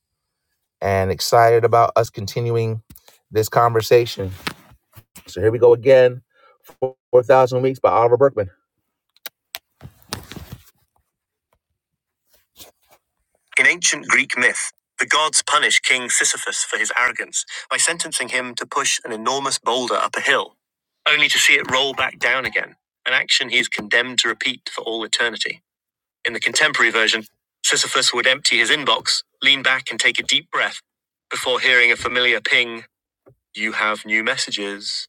[SPEAKER 1] and excited about us continuing this conversation. So here we go again. 4,000 Weeks by Oliver Berkman. In ancient Greek myth, the gods punish King Sisyphus for his arrogance by sentencing him to push an enormous boulder up a hill, only to see it roll back down again, an action he is condemned to repeat for all eternity. In the contemporary version, Sisyphus would empty his inbox, lean back, and take a deep breath before hearing a familiar ping You have new messages.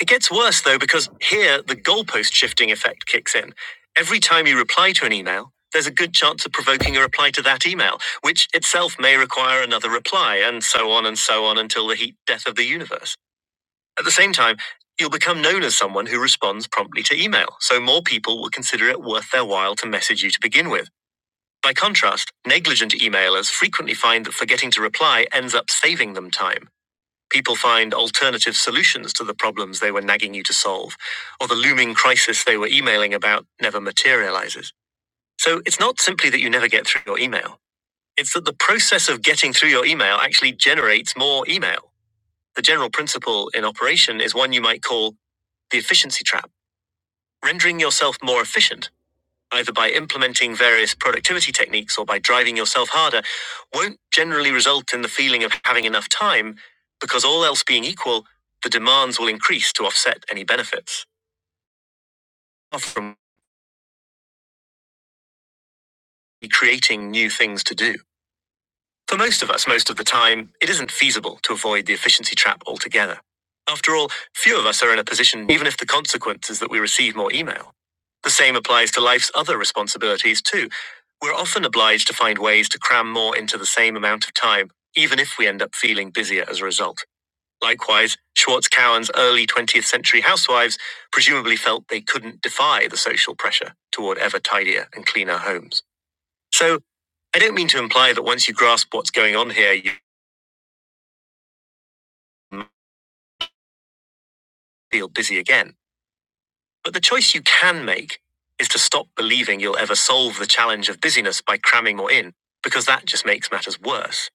[SPEAKER 1] It gets worse, though, because here the goalpost shifting effect kicks in. Every time you reply to an email, there's a good chance of provoking a reply to that email, which itself may require another reply, and so on and so on until the heat death of the universe. At the same time, you'll become known as someone who responds promptly to email, so more people will consider it worth their while to message you to begin with. By contrast, negligent emailers frequently find that forgetting to reply ends up saving them time. People find alternative solutions to the problems they were nagging you to solve, or the looming crisis they were emailing about never materializes. So it's not simply that you never get through your email, it's that the process of getting through your email actually generates more email. The general principle in operation is one you might call the efficiency trap, rendering yourself more efficient either by implementing various productivity techniques or by driving yourself harder, won't generally result in the feeling of having enough time, because all else being equal, the demands will increase to offset any benefits, far from creating new things to do. For most of us, most of the time, it isn't feasible to avoid the efficiency trap altogether. After all, few of us are in a position, even if the consequence is that we receive more email. The same applies to life's other responsibilities, too. We're often obliged to find ways to cram more into the same amount of time, even if we end up feeling busier as a result. Likewise, Schwartz Cowan's early 20th century housewives presumably felt they couldn't defy the social pressure toward ever tidier and cleaner homes. So, I don't mean to imply that once you grasp what's going on here, you feel busy again. But the choice you can make is to stop believing you'll ever solve the challenge of busyness by cramming more in, because that just makes matters worse.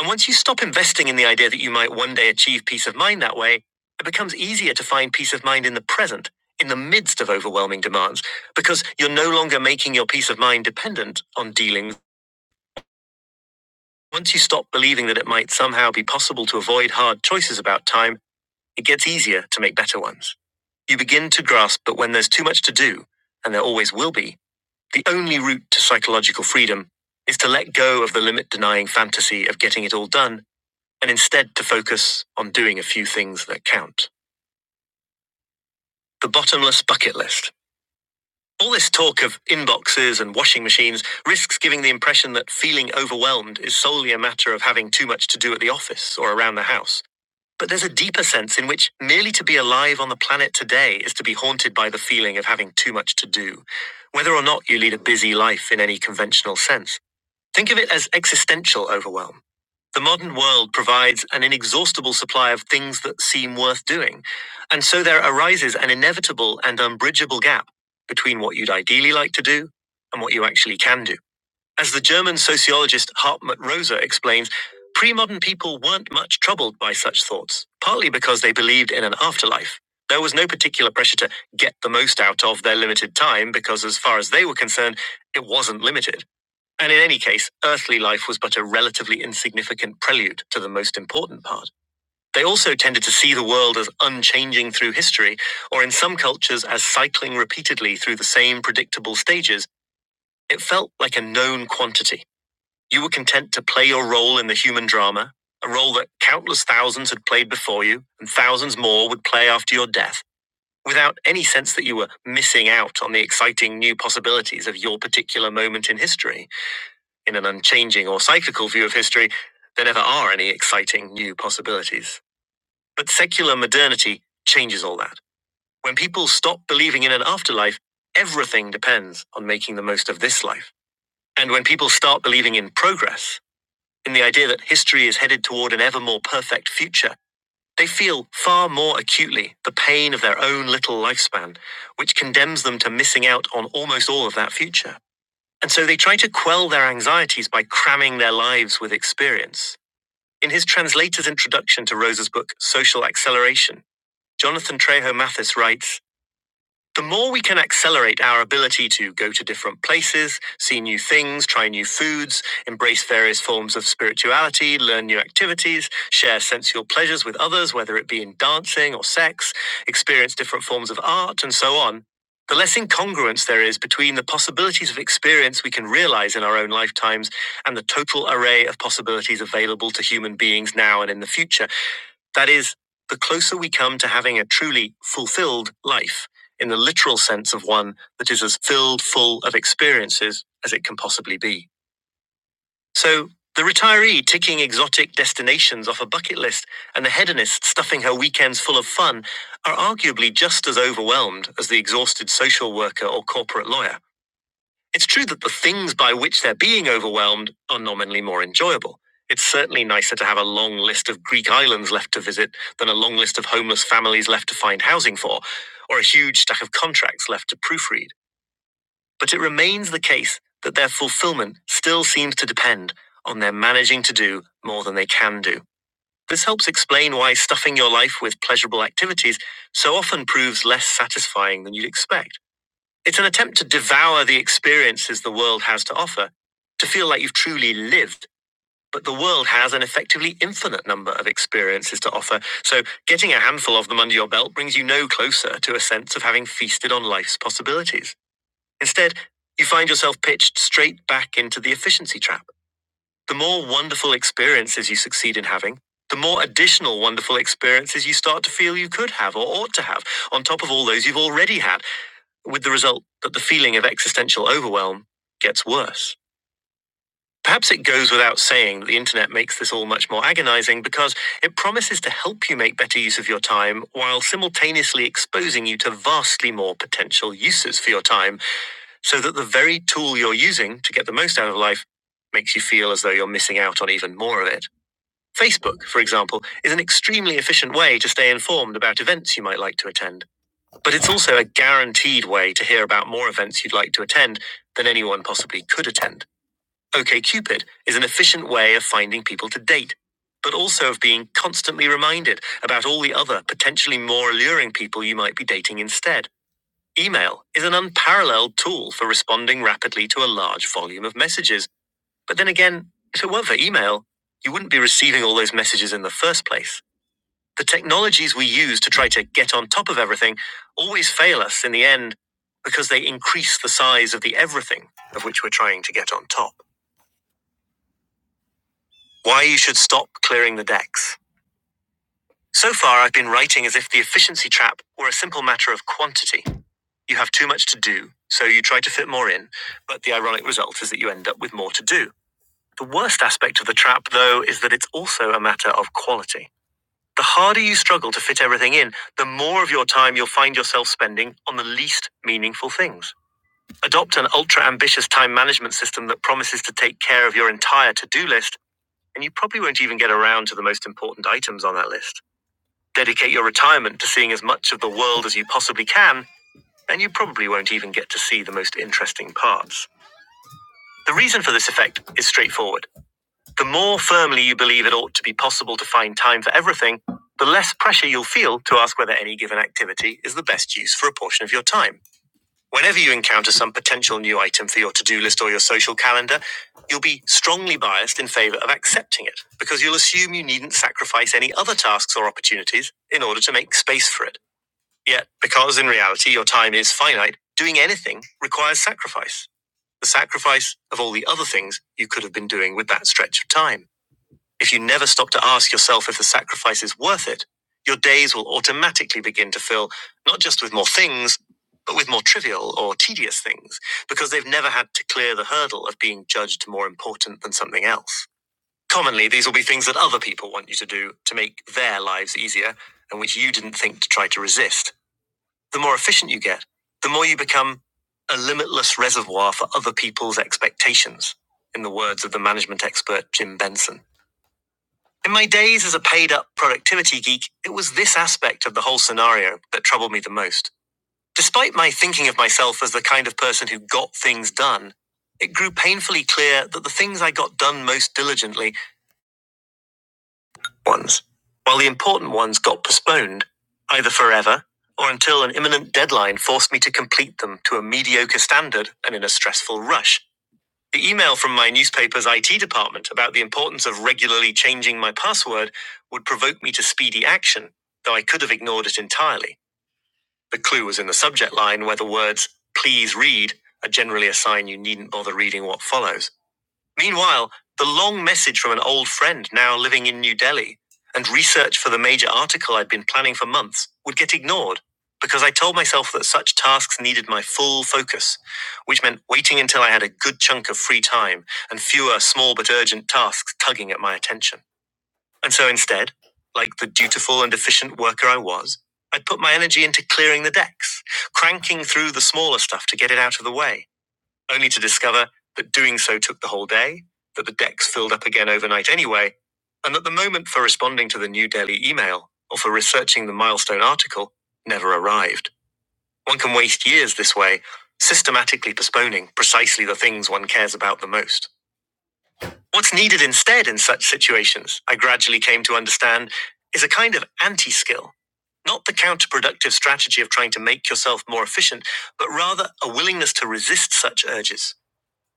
[SPEAKER 1] And once you stop investing in the idea that you might one day achieve peace of mind that way, it becomes easier to find peace of mind in the present, in the midst of overwhelming demands, because you're no longer making your peace of mind dependent on dealings. Once you stop believing that it might somehow be possible to avoid hard choices about time, It gets easier to make better ones. You begin to grasp that when there's too much to do, and there always will be, the only route to psychological freedom is to let go of the limit denying fantasy of getting it all done and instead to focus on doing a few things that count. The bottomless bucket list. All this talk of inboxes and washing machines risks giving the impression that feeling overwhelmed is solely a matter of having too much to do at the office or around the house. But there's a deeper sense in which merely to be alive on the planet today is to be haunted by the feeling of having too much to do, whether or not you lead a busy life in any conventional sense. Think of it as existential overwhelm. The modern world provides an inexhaustible supply of things that seem worth doing, and so there arises an inevitable and unbridgeable gap between what you'd ideally like to do and what you actually can do. As the German sociologist Hartmut Rosa explains, pre modern people weren't much troubled by such thoughts, partly because they believed in an afterlife. There was no particular pressure to get the most out of their limited time because, as far as they were concerned, it wasn't limited. And in any case, earthly life was but a relatively insignificant prelude to the most important part. They also tended to see the world as unchanging through history, or in some cultures, as cycling repeatedly through the same predictable stages. It felt like a known quantity. You were content to play your role in the human drama, a role that countless thousands had played before you, and thousands more would play after your death, without any sense that you were missing out on the exciting new possibilities of your particular moment in history. In an unchanging or cyclical view of history, there never are any exciting new possibilities. But secular modernity changes all that. When people stop believing in an afterlife, everything depends on making the most of this life. And when people start believing in progress, in the idea that history is headed toward an ever more perfect future, they feel far more acutely the pain of their own little lifespan, which condemns them to missing out on almost all of that future. And so they try to quell their anxieties by cramming their lives with experience. In his translator's introduction to Rosa's book, Social Acceleration, Jonathan Trejo Mathis writes the more we can accelerate our ability to go to different places, see new things, try new foods, embrace various forms of spirituality, learn new activities, share sensual pleasures with others, whether it be in dancing or sex, experience different forms of art, and so on, the less incongruence there is between the possibilities of experience we can realize in our own lifetimes and the total array of possibilities available to human beings now and in the future. That is, the closer we come to having a truly fulfilled life, in the literal sense of one that is as filled full of experiences as it can possibly be. So, the retiree ticking exotic destinations off a bucket list and the hedonist stuffing her weekends full of fun are arguably just as overwhelmed as the exhausted social worker or corporate lawyer. It's true that the things by which they're being overwhelmed are nominally more enjoyable. It's certainly nicer to have a long list of Greek islands left to visit than a long list of homeless families left to find housing for, or a huge stack of contracts left to proofread. But it remains the case that their fulfillment still seems to depend on their managing to do more than they can do. This helps explain why stuffing your life with pleasurable activities so often proves less satisfying than you'd expect. It's an attempt to devour the experiences the world has to offer, to feel like you've truly lived. But the world has an effectively infinite number of experiences to offer, so getting a handful of them under your belt brings you no closer to a sense of having feasted on life's possibilities. Instead, you find yourself pitched straight back into the efficiency trap. The more wonderful experiences you succeed in having, the more additional wonderful experiences you start to feel you could have or ought to have, on top of all those you've already had with the result that the feeling of existential overwhelm gets worse. Perhaps it goes without saying that the internet makes this all much more agonizing because it promises to help you make better use of your time while simultaneously exposing you to vastly more potential uses for your time, so that the very tool you're using to get the most out of life makes you feel as though you're missing out on even more of it. Facebook, for example, is an extremely efficient way to stay informed about events you might like to attend. But it's also a guaranteed way to hear about more events you'd like to attend than anyone possibly could attend. OKCupid is an efficient way of finding people to date, but also of being constantly reminded about all the other potentially more alluring people you might be dating instead. Email is an unparalleled tool for responding rapidly to a large volume of messages. But then again, if it weren't for email, you wouldn't be receiving all those messages in the first place. The technologies we use to try to get on top of everything always fail us in the end because they increase the size of the everything of which we're trying to get on top. Why you should stop clearing the decks. So far, I've been writing as if the efficiency trap were a simple matter of quantity. You have too much to do, so you try to fit more in, but the ironic result is that you end up with more to do. The worst aspect of the trap, though, is that it's also a matter of quality. The harder you struggle to fit everything in, the more of your time you'll find yourself spending on the least meaningful things. Adopt an ultra ambitious time management system that promises to take care of your entire to do list, and you probably won't even get around to the most important items on that list. Dedicate your retirement to seeing as much of the world as you possibly can, and you probably won't even get to see the most interesting parts. The reason for this effect is straightforward. The more firmly you believe it ought to be possible to find time for everything, the less pressure you'll feel to ask whether any given activity is the best use for a portion of your time. Whenever you encounter some potential new item for your to do list or your social calendar, you'll be strongly biased in favor of accepting it because you'll assume you needn't sacrifice any other tasks or opportunities in order to make space for it. Yet, because in reality your time is finite, doing anything requires sacrifice the sacrifice of all the other things you could have been doing with that stretch of time. If you never stop to ask yourself if the sacrifice is worth it, your days will automatically begin to fill not just with more things, but with more trivial or tedious things, because they've never had to clear the hurdle of being judged more important than something else. Commonly, these will be things that other people want you to do to make their lives easier and which you didn't think to try to resist. The more efficient you get, the more you become a limitless reservoir for other people's expectations, in the words of the management expert Jim Benson. In my days as a paid up productivity geek, it was this aspect of the whole scenario that troubled me the most. Despite my thinking of myself as the kind of person who got things done, it grew painfully clear that the things I got done most diligently ones, while the important ones got postponed, either forever or until an imminent deadline forced me to complete them to a mediocre standard and in a stressful rush. The email from my newspaper's IT department about the importance of regularly changing my password would provoke me to speedy action, though I could have ignored it entirely. The clue was in the subject line where the words, please read, are generally a sign you needn't bother reading what follows. Meanwhile, the long message from an old friend now living in New Delhi and research for the major article I'd been planning for months would get ignored because I told myself that such tasks needed my full focus, which meant waiting until I had a good chunk of free time and fewer small but urgent tasks tugging at my attention. And so instead, like the dutiful and efficient worker I was, I'd put my energy into clearing the decks, cranking through the smaller stuff to get it out of the way only to discover that doing so took the whole day, that the decks filled up again overnight anyway, and that the moment for responding to the New Delhi email or for researching the milestone article never arrived. One can waste years this way, systematically postponing precisely the things one cares about the most. What's needed instead in such situations, I gradually came to understand, is a kind of anti skill. Not the counterproductive strategy of trying to make yourself more efficient, but rather a willingness to resist such urges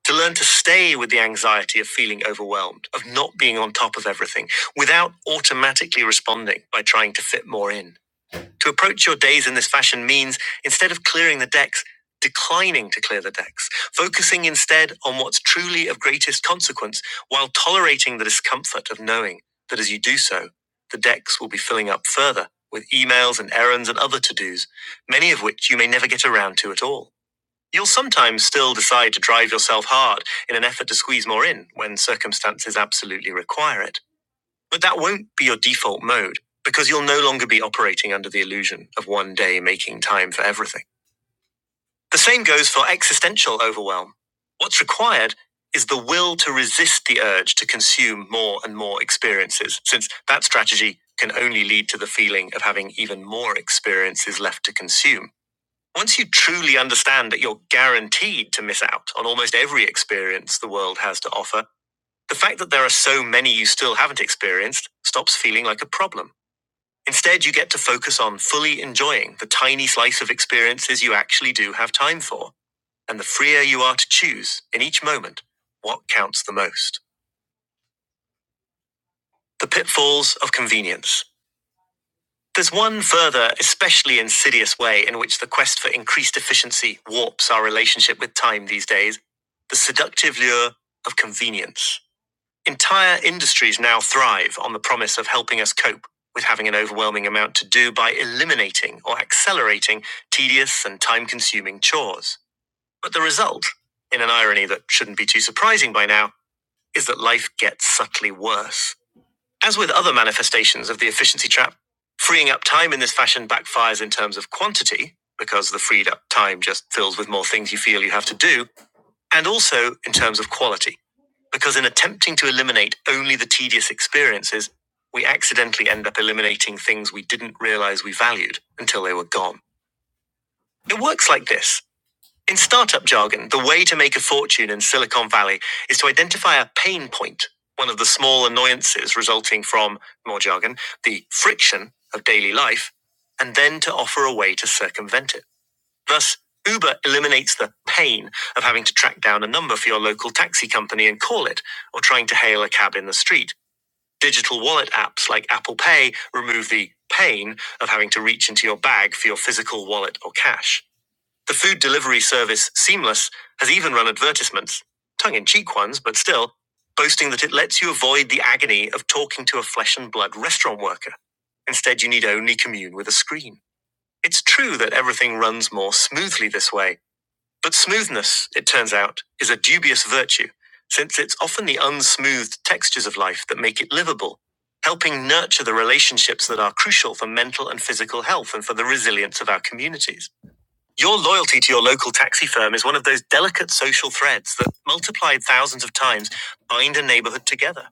[SPEAKER 1] to learn to stay with the anxiety of feeling overwhelmed, of not being on top of everything, without automatically responding by trying to fit more in. To approach your days in this fashion means, instead of clearing the decks, declining to clear the decks, focusing instead on what's truly of greatest consequence while tolerating the discomfort of knowing that as you do so, the decks will be filling up further with emails and errands and other to dos, many of which you may never get around to at all. You'll sometimes still decide to drive yourself hard in an effort to squeeze more in when circumstances absolutely require it. But that won't be your default mode because you'll no longer be operating under the illusion of one day making time for everything. The same goes for existential overwhelm. What's required is the will to resist the urge to consume more and more experiences, since that strategy can only lead to the feeling of having even more experiences left to consume once you truly understand that you're guaranteed to miss out on almost every experience the world has to offer, the fact that there are so many you still haven't experienced stops feeling like a problem. Instead, you get to focus on fully enjoying the tiny slice of experiences you actually do have time for. And the freer you are to choose in each moment, what counts the most. The pitfalls of convenience. There's one further, especially insidious way in which the quest for increased efficiency warps our relationship with time these days the seductive lure of convenience. Entire industries now thrive on the promise of helping us cope with having an overwhelming amount to do by eliminating or accelerating tedious and time consuming chores. But the result, in an irony that shouldn't be too surprising by now, is that life gets subtly worse. As with other manifestations of the efficiency trap, freeing up time in this fashion backfires in terms of quantity, because the freed up time just fills with more things you feel you have to do, and also in terms of quality, because in attempting to eliminate only the tedious experiences, we accidentally end up eliminating things we didn't realize we valued until they were gone. It works like this. In startup jargon, the way to make a fortune in Silicon Valley is to identify a pain point, one of the small annoyances resulting from, more jargon, the friction of daily life, and then to offer a way to circumvent it. Thus, Uber eliminates the pain of having to track down a number for your local taxi company and call it, or trying to hail a cab in the street. Digital wallet apps like Apple Pay remove the pain of having to reach into your bag for your physical wallet or cash. The food delivery service Seamless has even run advertisements, tongue in cheek ones, but still, boasting that it lets you avoid the agony of talking to a flesh and blood restaurant worker. Instead, you need only commune with a screen. It's true that everything runs more smoothly this way, but smoothness, it turns out, is a dubious virtue, since it's often the unsmoothed textures of life that make it livable, helping nurture the relationships that are crucial for mental and physical health and for the resilience of our communities. Your loyalty to your local taxi firm is one of those delicate social threads that, multiplied thousands of times, bind a neighborhood together.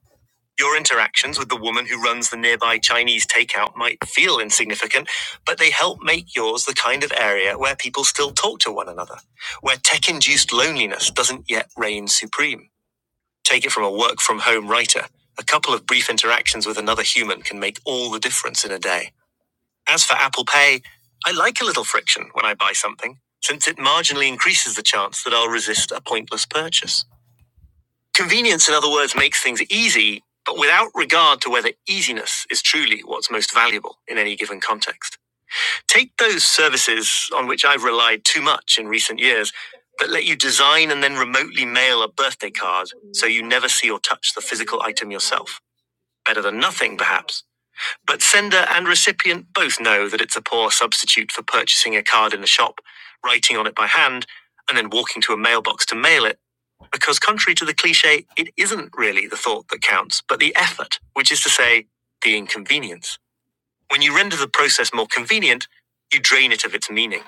[SPEAKER 1] Your interactions with the woman who runs the nearby Chinese takeout might feel insignificant, but they help make yours the kind of area where people still talk to one another, where tech induced loneliness doesn't yet reign supreme. Take it from a work from home writer. A couple of brief interactions with another human can make all the difference in a day. As for Apple Pay, I like a little friction when I buy something, since it marginally increases the chance that I'll resist a pointless purchase. Convenience, in other words, makes things easy, but without regard to whether easiness is truly what's most valuable in any given context. Take those services on which I've relied too much in recent years that let you design and then remotely mail a birthday card so you never see or touch the physical item yourself. Better than nothing, perhaps, but sender and recipient both know that it's a poor substitute for purchasing a card in a shop, writing on it by hand, and then walking to a mailbox to mail it, because contrary to the cliche, it isn't really the thought that counts, but the effort, which is to say, the inconvenience. When you render the process more convenient, you drain it of its meaning.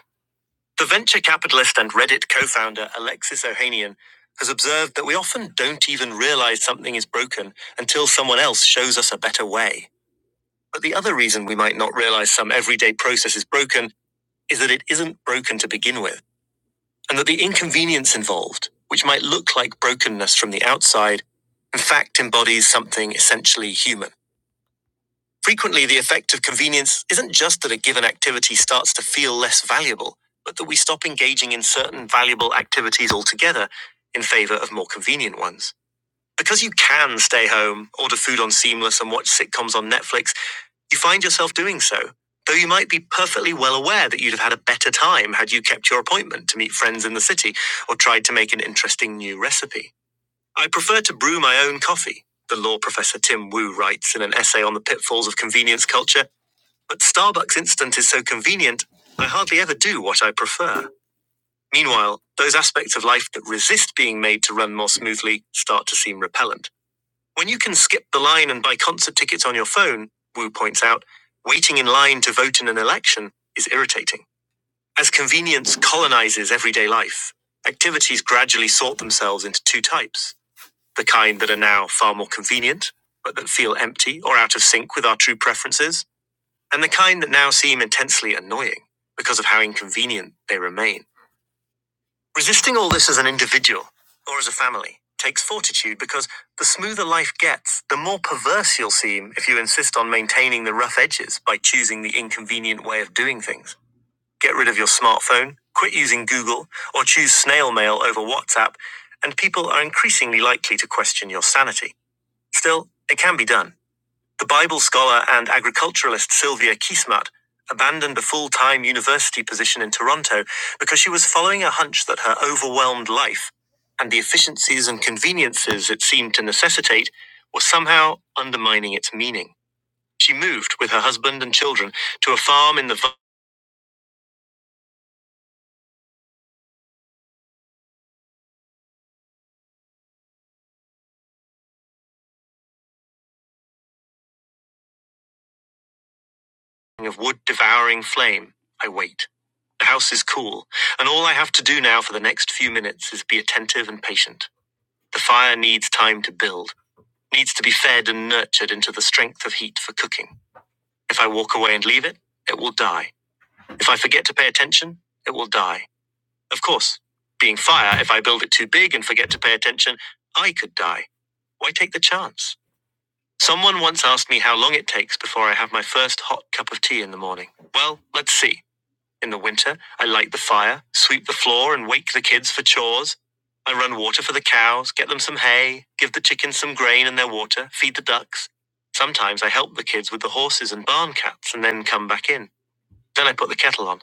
[SPEAKER 1] The venture capitalist and Reddit co founder Alexis Ohanian has observed that we often don't even realize something is broken until someone else shows us a better way. But the other reason we might not realize some everyday process is broken is that it isn't broken to begin with, and that the inconvenience involved, which might look like brokenness from the outside, in fact embodies something essentially human. Frequently, the effect of convenience isn't just that a given activity starts to feel less valuable, but that we stop engaging in certain valuable activities altogether in favor of more convenient ones. Because you can stay home, order food on Seamless, and watch sitcoms on Netflix, you find yourself doing so, though you might be perfectly well aware that you'd have had a better time had you kept your appointment to meet friends in the city or tried to make an interesting new recipe. I prefer to brew my own coffee, the law professor Tim Wu writes in an essay on the pitfalls of convenience culture, but Starbucks Instant is so convenient, I hardly ever do what I prefer. Meanwhile, those aspects of life that resist being made to run more smoothly start to seem repellent. When you can skip the line and buy concert tickets on your phone, Wu points out, waiting in line to vote in an election is irritating. As convenience colonizes everyday life, activities gradually sort themselves into two types the kind that are now far more convenient, but that feel empty or out of sync with our true preferences, and the kind that now seem intensely annoying because of how inconvenient they remain. Resisting all this as an individual or as a family takes fortitude because the smoother life gets, the more perverse you'll seem if you insist on maintaining the rough edges by choosing the inconvenient way of doing things. Get rid of your smartphone, quit using Google, or choose snail mail over WhatsApp, and people are increasingly likely to question your sanity. Still, it can be done. The Bible scholar and agriculturalist Sylvia Kiesmat abandoned a full time university position in Toronto because she was following a hunch that her overwhelmed life and the efficiencies and conveniences it seemed to necessitate were somehow undermining its meaning. She moved with her husband and children to a farm in the vine of wood devouring flame. I wait. The house is cool, and all I have to do now for the next few minutes is be attentive and patient. The fire needs time to build. needs to be fed and nurtured into the strength of heat for cooking. If I walk away and leave it, it will die. If I forget to pay attention, it will die. Of course, being fire, if I build it too big and forget to pay attention, I could die. Why take the chance? Someone once asked me how long it takes before I have my first hot cup of tea in the morning. Well, let's see. In the winter, I light the fire, sweep the floor, and wake the kids for chores. I run water for the cows, get them some hay, give the chickens some grain and their water, feed the ducks. Sometimes I help the kids with the horses and barn cats and then come back in. Then I put the kettle on.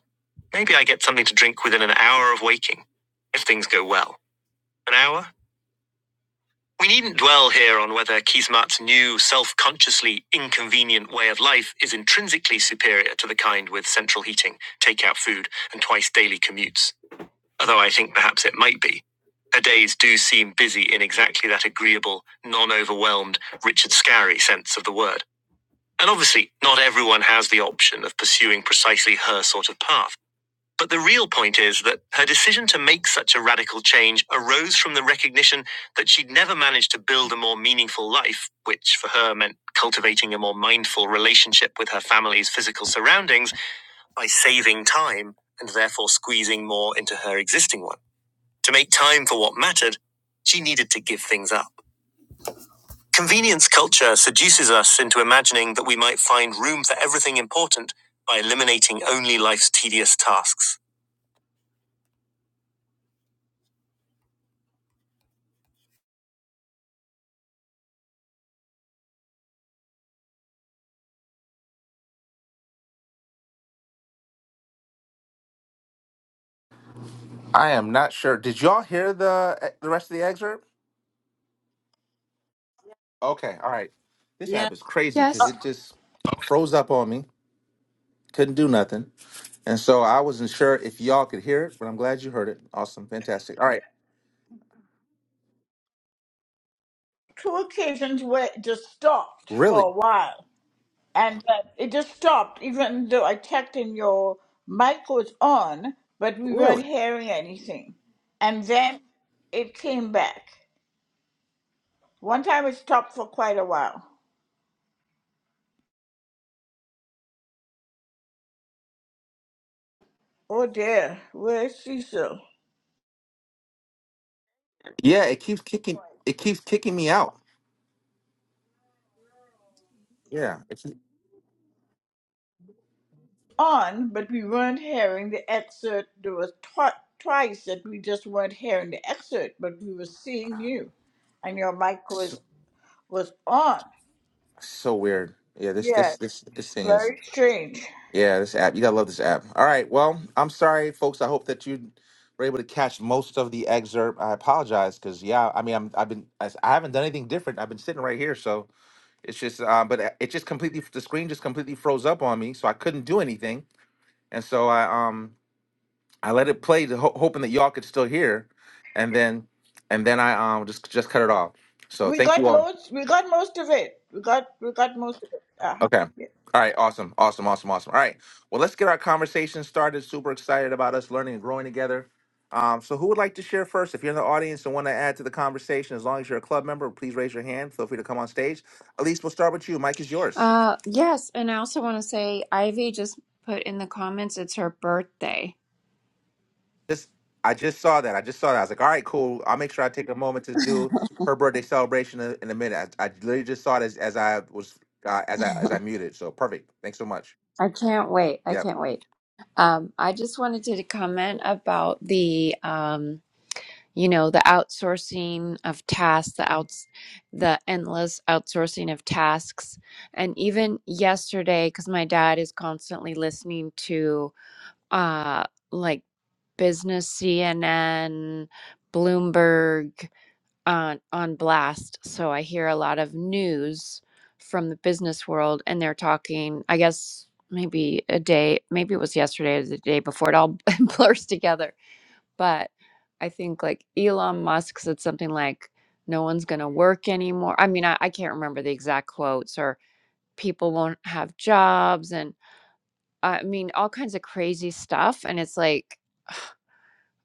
[SPEAKER 1] Maybe I get something to drink within an hour of waking, if things go well. An hour? We needn't dwell here on whether Kismat's new, self consciously inconvenient way of life is intrinsically superior to the kind with central heating, take-out food, and twice daily commutes although I think perhaps it might be. Her days do seem busy in exactly that agreeable, non overwhelmed, Richard Scarry sense of the word. And obviously, not everyone has the option of pursuing precisely her sort of path. But the real point is that her decision to make such a radical change arose from the recognition that she'd never managed to build a more meaningful life, which for her meant cultivating a more mindful relationship with her family's physical surroundings by saving time and therefore squeezing more into her existing one. To make time for what mattered, she needed to give things up. Convenience culture seduces us into imagining that we might find room for everything important by eliminating only life's tedious tasks. I am not sure. Did y'all hear the eh, the rest of the excerpt? Okay, all right. This
[SPEAKER 2] Yeah.
[SPEAKER 1] app is crazy because
[SPEAKER 8] uh,
[SPEAKER 4] Yes.
[SPEAKER 1] it just froze up on me. Couldn't do nothing, and so I wasn't sure if y'all could hear it. But I'm glad you heard it. Awesome, fantastic. All right,
[SPEAKER 8] two occasions where it just stopped
[SPEAKER 1] really,
[SPEAKER 8] for a while, and uh, it just stopped, even though I checked and your mic was on, but we
[SPEAKER 1] really,
[SPEAKER 8] weren't hearing anything. And then it came back. One time it stopped for quite a while. Oh dear, where's Cecil?
[SPEAKER 1] yeah. It keeps kicking. It keeps kicking me out. Yeah, it's
[SPEAKER 8] On, but we weren't hearing the excerpt. There was twi- twice that we just weren't hearing the excerpt, but we were seeing you, and your mic was was on.
[SPEAKER 1] So weird. Yeah, this this
[SPEAKER 8] Yes,
[SPEAKER 1] this this thing is.
[SPEAKER 8] very strange.
[SPEAKER 1] Yeah, this app. You gotta love this app. All right. Well, I'm sorry, folks. I hope that you were able to catch most of the excerpt. I apologize because yeah, I mean, I'm I've been I, s- I haven't done anything different. I've been sitting right here, so it's just. Uh, but uh, it just completely the screen just completely froze up on me, so I couldn't do anything, and so I um I let it play, to ho- hoping that y'all could still hear, and then and then I um just just cut it off. So
[SPEAKER 8] We
[SPEAKER 1] thank you
[SPEAKER 8] got
[SPEAKER 1] all.
[SPEAKER 8] most. We got most of it. We got. We got most of it. Uh-huh.
[SPEAKER 1] Okay.
[SPEAKER 8] Yeah.
[SPEAKER 1] All right. Awesome. Awesome. Awesome. Awesome. All right. Well, let's get our conversation started. Super excited about us learning and growing together. Um, so, who would like to share first? If you're in the audience and want to add to the conversation, as long as you're a club member, please raise your hand. Feel free to come on stage. Elise, we'll start with you. Mike is yours.
[SPEAKER 4] Uh, yes. And I also want to say Ivy just put in the comments it's her birthday.
[SPEAKER 1] Just, I just saw that. I just saw that. I was like, all right, cool. I'll make sure I take a moment to do her birthday celebration in in a minute. I, I literally just saw it as, as I was uh, as I as I muted. So perfect. Thanks so much.
[SPEAKER 4] I can't wait. I
[SPEAKER 1] Yeah.
[SPEAKER 4] can't wait. Um, I just wanted to comment about the, um, you know, the outsourcing of tasks, the outs, the endless outsourcing of tasks, and even yesterday, because my dad is constantly listening to, uh, like business CNN, Bloomberg on on blast, so I hear a lot of news from the business world, and they're talking, I guess maybe a day, maybe it was yesterday or the day before, it all blurs together. But I think like Elon Musk said something like, no one's going to work anymore. I mean, I, I can't remember the exact quotes, or people won't have jobs, and I mean, all kinds of crazy stuff. And it's like,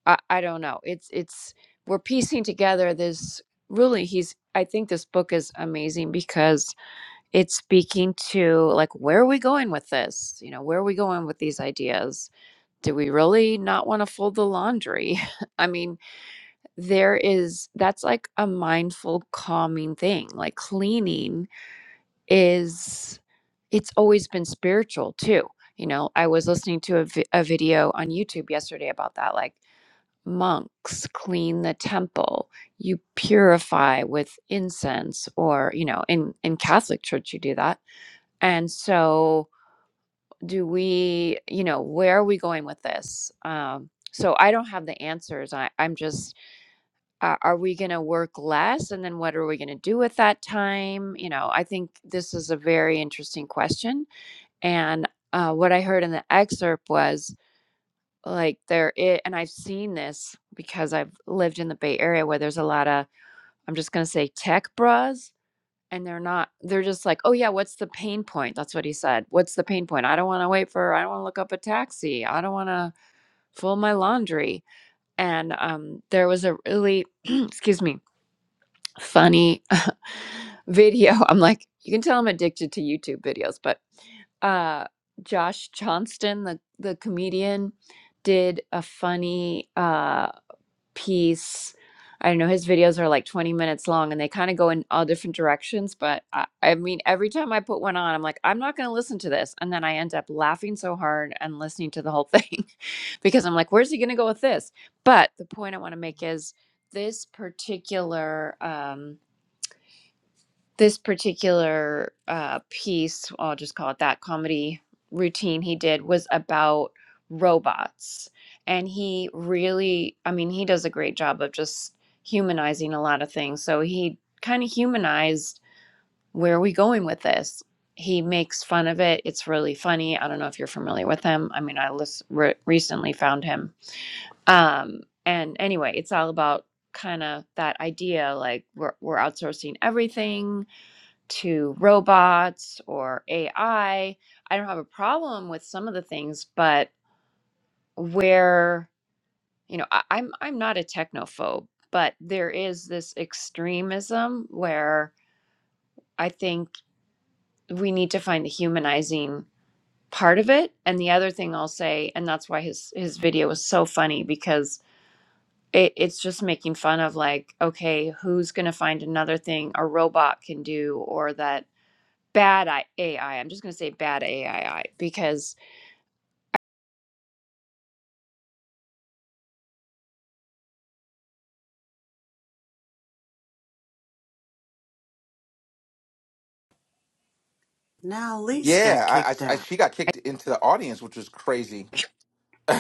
[SPEAKER 4] I, I don't know. It's it's we're piecing together this really he's I think this book is amazing because it's speaking to like where are we going with this? You know, where are we going with these ideas? Do we really not want to fold the laundry? I mean, there is that's like a mindful calming thing. Like cleaning is it's always been spiritual too. You know, I was listening to a, vi- a video on YouTube yesterday about that. Like monks clean the temple you purify with incense or you know in in catholic church you do that and so do we you know where are we going with this um so i don't have the answers I, i'm just uh, are we going to work less and then what are we going to do with that time you know i think this is a very interesting question and uh, what i heard in the excerpt was like, there i and I've seen this because I've lived in the Bay Area where there's a lot of I'm just gonna say tech bras, and they're not they're just like, "Oh, yeah, what's the pain point?" That's what he said. "What's the pain point? I don't wanna wait for I don't wanna look up a taxi. I don't wanna fold my laundry." And, um, there was a really excuse me, funny video. I'm like, you can tell I'm addicted to YouTube videos, but, uh, Josh Johnston, the the comedian, did a funny, uh piece. I don't know, his videos are like 20 minutes long and they kind of go in all different directions. But I, I mean, every time I put one on, I'm like, I'm not going to listen to this. And then I end up laughing so hard and listening to the whole thing because I'm like, where's he going to go with this? But the point I want to make is this particular. um, this particular uh, piece, I'll just call it that comedy routine he did was about robots. And he really, I mean, he does a great job of just humanizing a lot of things. So he kind of humanized where are we going with this? He makes fun of it. It's really funny. I don't know if you're familiar with him. I mean, I lis- re- recently found him. Um, and anyway, it's all about kind of that idea like we're, we're outsourcing everything to robots or AI. I I don't have a problem with some of the things, but where you know I, I'm I'm not a technophobe, but there is this extremism where I think we need to find the humanizing part of it. And the other thing I'll say, and that's why his his video was so funny because it, it's just making fun of like, okay, who's gonna find another thing a robot can do or that bad I- AI. I'm just going to say bad AI because
[SPEAKER 2] Now Elise
[SPEAKER 1] Yeah,
[SPEAKER 2] got
[SPEAKER 1] I,
[SPEAKER 2] kicked
[SPEAKER 1] I, I
[SPEAKER 2] out.
[SPEAKER 1] she got kicked into the audience, which was crazy.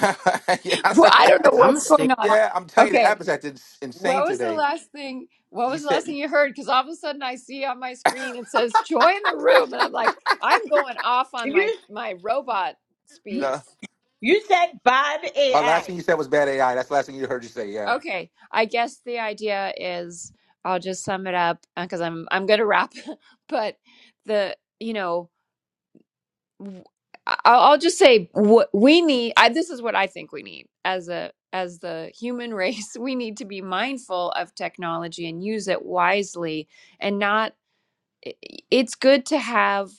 [SPEAKER 4] well, I don't know
[SPEAKER 2] I'm gonna
[SPEAKER 1] yeah,
[SPEAKER 4] what's going
[SPEAKER 2] stay.
[SPEAKER 4] on.
[SPEAKER 1] I'm telling you, the
[SPEAKER 4] Okay,
[SPEAKER 1] app is acting s- insane
[SPEAKER 4] what was the
[SPEAKER 1] today.
[SPEAKER 4] last thing? What
[SPEAKER 1] You
[SPEAKER 4] was the
[SPEAKER 1] said
[SPEAKER 4] last thing you heard? Because all of a sudden I see on my screen it says join the room, and I'm like, I'm going off on my
[SPEAKER 8] You.
[SPEAKER 4] my robot speech.
[SPEAKER 1] uh,
[SPEAKER 8] You said bad
[SPEAKER 1] our last
[SPEAKER 8] AI.
[SPEAKER 1] thing you said was bad AI. That's the last thing you heard you say. Yeah.
[SPEAKER 4] Okay, I guess the idea is I'll just sum it up because I'm I'm going to wrap, but the you know w- I- I'll just say what we need. I, this is what I think we need as a as the human race. We need to be mindful of technology and use it wisely, and not. i- i- It's good to have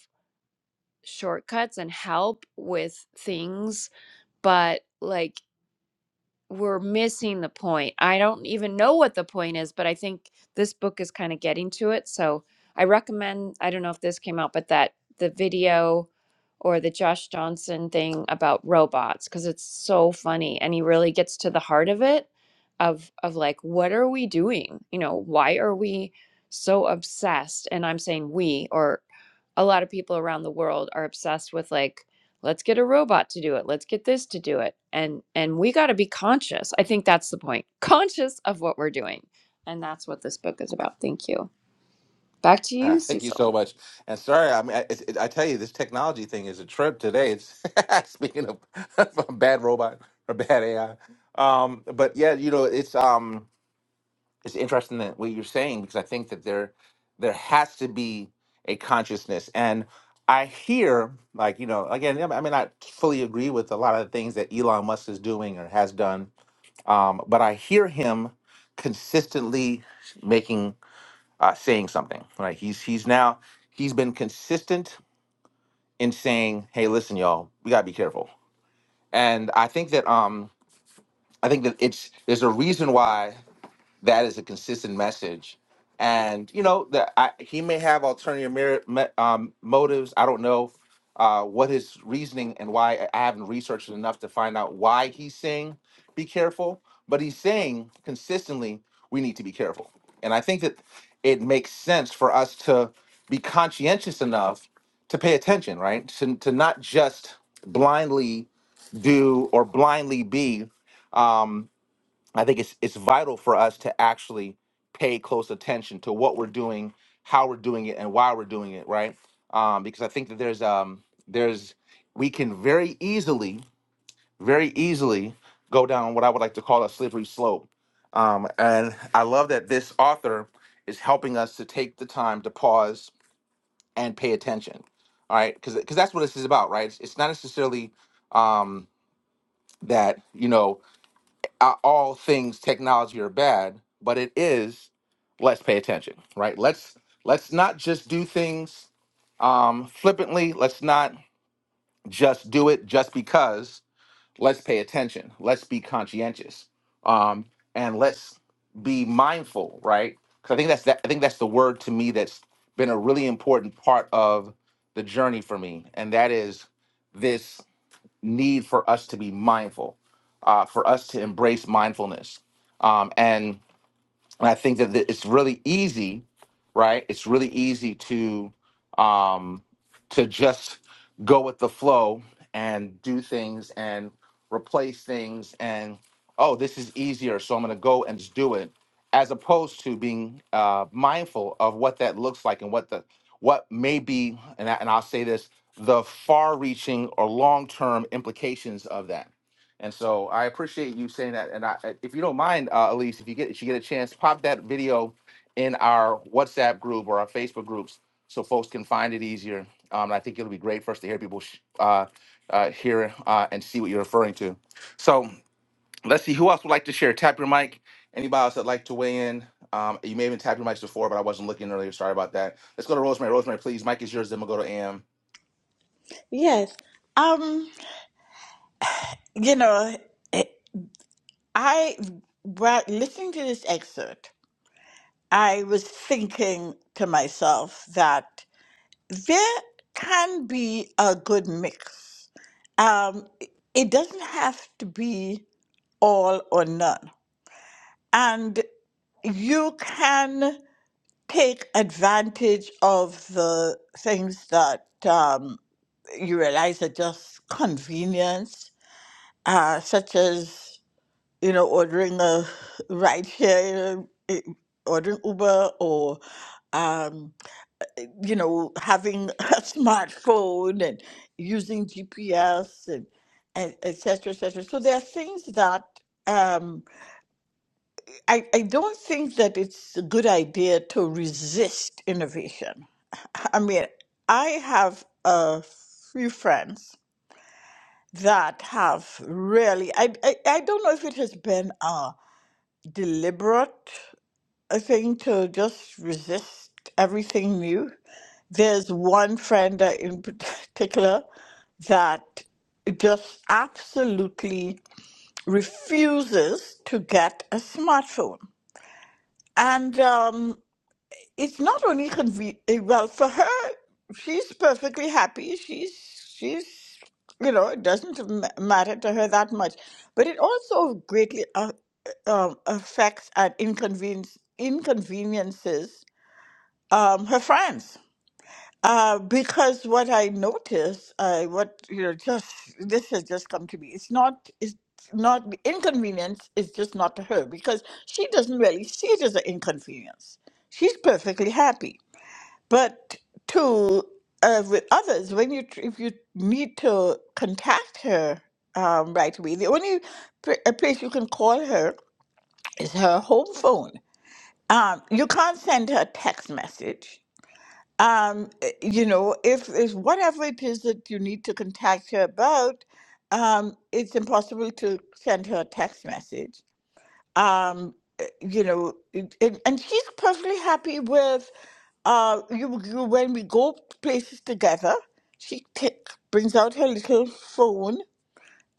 [SPEAKER 4] shortcuts and help with things, but like we're missing the point. I don't even know what the point is, but I think this book is kind of getting to it. So I recommend, I don't know if this came out, but that the video or the Josh Johnson thing about robots because it's so funny and he really gets to the heart of it of of like what are we doing? You know, why are we so obsessed? And I'm saying we or a lot of people around the world are obsessed with like let's get a robot to do it let's get this to do it and and we got to be conscious i think that's the point conscious of what we're doing and that's what this book is about thank you back to
[SPEAKER 1] Ah,
[SPEAKER 4] you
[SPEAKER 1] thank you so
[SPEAKER 4] cecil
[SPEAKER 1] much. And sorry, I mean, I, it's- it, I tell you, this technology thing is a trip today. It's speaking of, a bad robot or bad AI. Um, but yeah, you know, it's um. it's interesting that what you're saying because I think that there there has to be a consciousness, and I hear like you know again I may not fully agree with a lot of the things that Elon Musk is doing or has done, um, but I hear him consistently making uh, saying something right. He's he's now he's been consistent in saying, hey, listen, y'all, we gotta be careful, and I think that um I think that it's there's a reason why. that is a consistent message. And you know that I, he may have alternative mer- me- um, motives. I don't know uh, what his reasoning and why. I I haven't researched it enough to find out why he's saying be careful. But he's saying consistently we need to be careful. And I think that it makes sense for us to be conscientious enough to pay attention, right? To, to not just blindly do or blindly be. Um, I think it's it's vital for us to actually pay close attention to what we're doing, how we're doing it, and why we're doing it, right? Um, because I think that there's um there's we can very easily, very easily go down what I would like to call a slippery slope. Um, and I love that this author is helping us to take the time to pause and pay attention. All right, because because that's what this is about, right? It's, it's not necessarily um, that you know uh, all things technology are bad, but it is let's pay attention, right? Let's let's not just do things um, flippantly. Let's not just do it just because. Let's pay attention. Let's be conscientious, um, and let's be mindful, right? Because I think that's that. I think that's the word to me that's been a really important part of the journey for me, and that is this need for us to be mindful, uh, for us to embrace mindfulness. Um, and and I think that th- it's really easy, right? It's really easy to um, to just go with the flow and do things and replace things and oh, this is easier, so I'm going to go and just do it, as opposed to being uh, mindful of what that looks like and what the what may be, and, I, and I'll say this: the far-reaching or long-term implications of that and so I appreciate you saying that. And I, if you don't mind, uh, Elise, if you get, if you get a chance, pop that video in our WhatsApp group or our Facebook groups so folks can find it easier. Um, and I think it'll be great for us to hear people sh- uh, uh, hear uh, and see what you're referring to. So let's see who else would like to share. Tap your mic. Anybody else that'd like to weigh in? Um, you may have been tapping your mics before, but I wasn't looking earlier. Sorry about that. Let's go to Rosemary. Rosemary, please. Mic is yours. Then we'll go to Am.
[SPEAKER 8] Yes. Um. You know, I while listening to this excerpt, I was thinking to myself that there can be a good mix. Um. It doesn't have to be all or none, and you can. take advantage of the things that um, you realize are just convenience, uh, such as you know ordering a ride share, eh, ordering Uber, or um, you know having a smartphone and using GPS and and et cetera, et cetera. So there are things that um, I, I don't think that it's a good idea to resist innovation I mean, I have a few friends that have really, I, I, I don't know if it has been a deliberate uh, thing to just resist everything new. There's one friend that in particular that just absolutely refuses to get a smartphone. And um, it's not only convenient well for her she's perfectly happy she's she's you know it doesn't ma- matter to her that much but it also greatly uh, uh, um, affects and inconvenience inconveniences um, her friends uh, because what I notice, uh, what you know, just this has just come to me. It's not, it's not the inconvenience. It's just not to her because she doesn't really see it as an inconvenience. She's perfectly happy but to uh, with others, when you tr- if you need to contact her um, right away, the only pr- a place you can call her is her home phone. Um, you can't send her a text message. Um, eh, you know, if if whatever it is that you need to contact her about, um, it's impossible to send her a text message. Um, eh, you know, it, it, and she's perfectly happy with uh, you, you, when we go places together, she take, brings out her little phone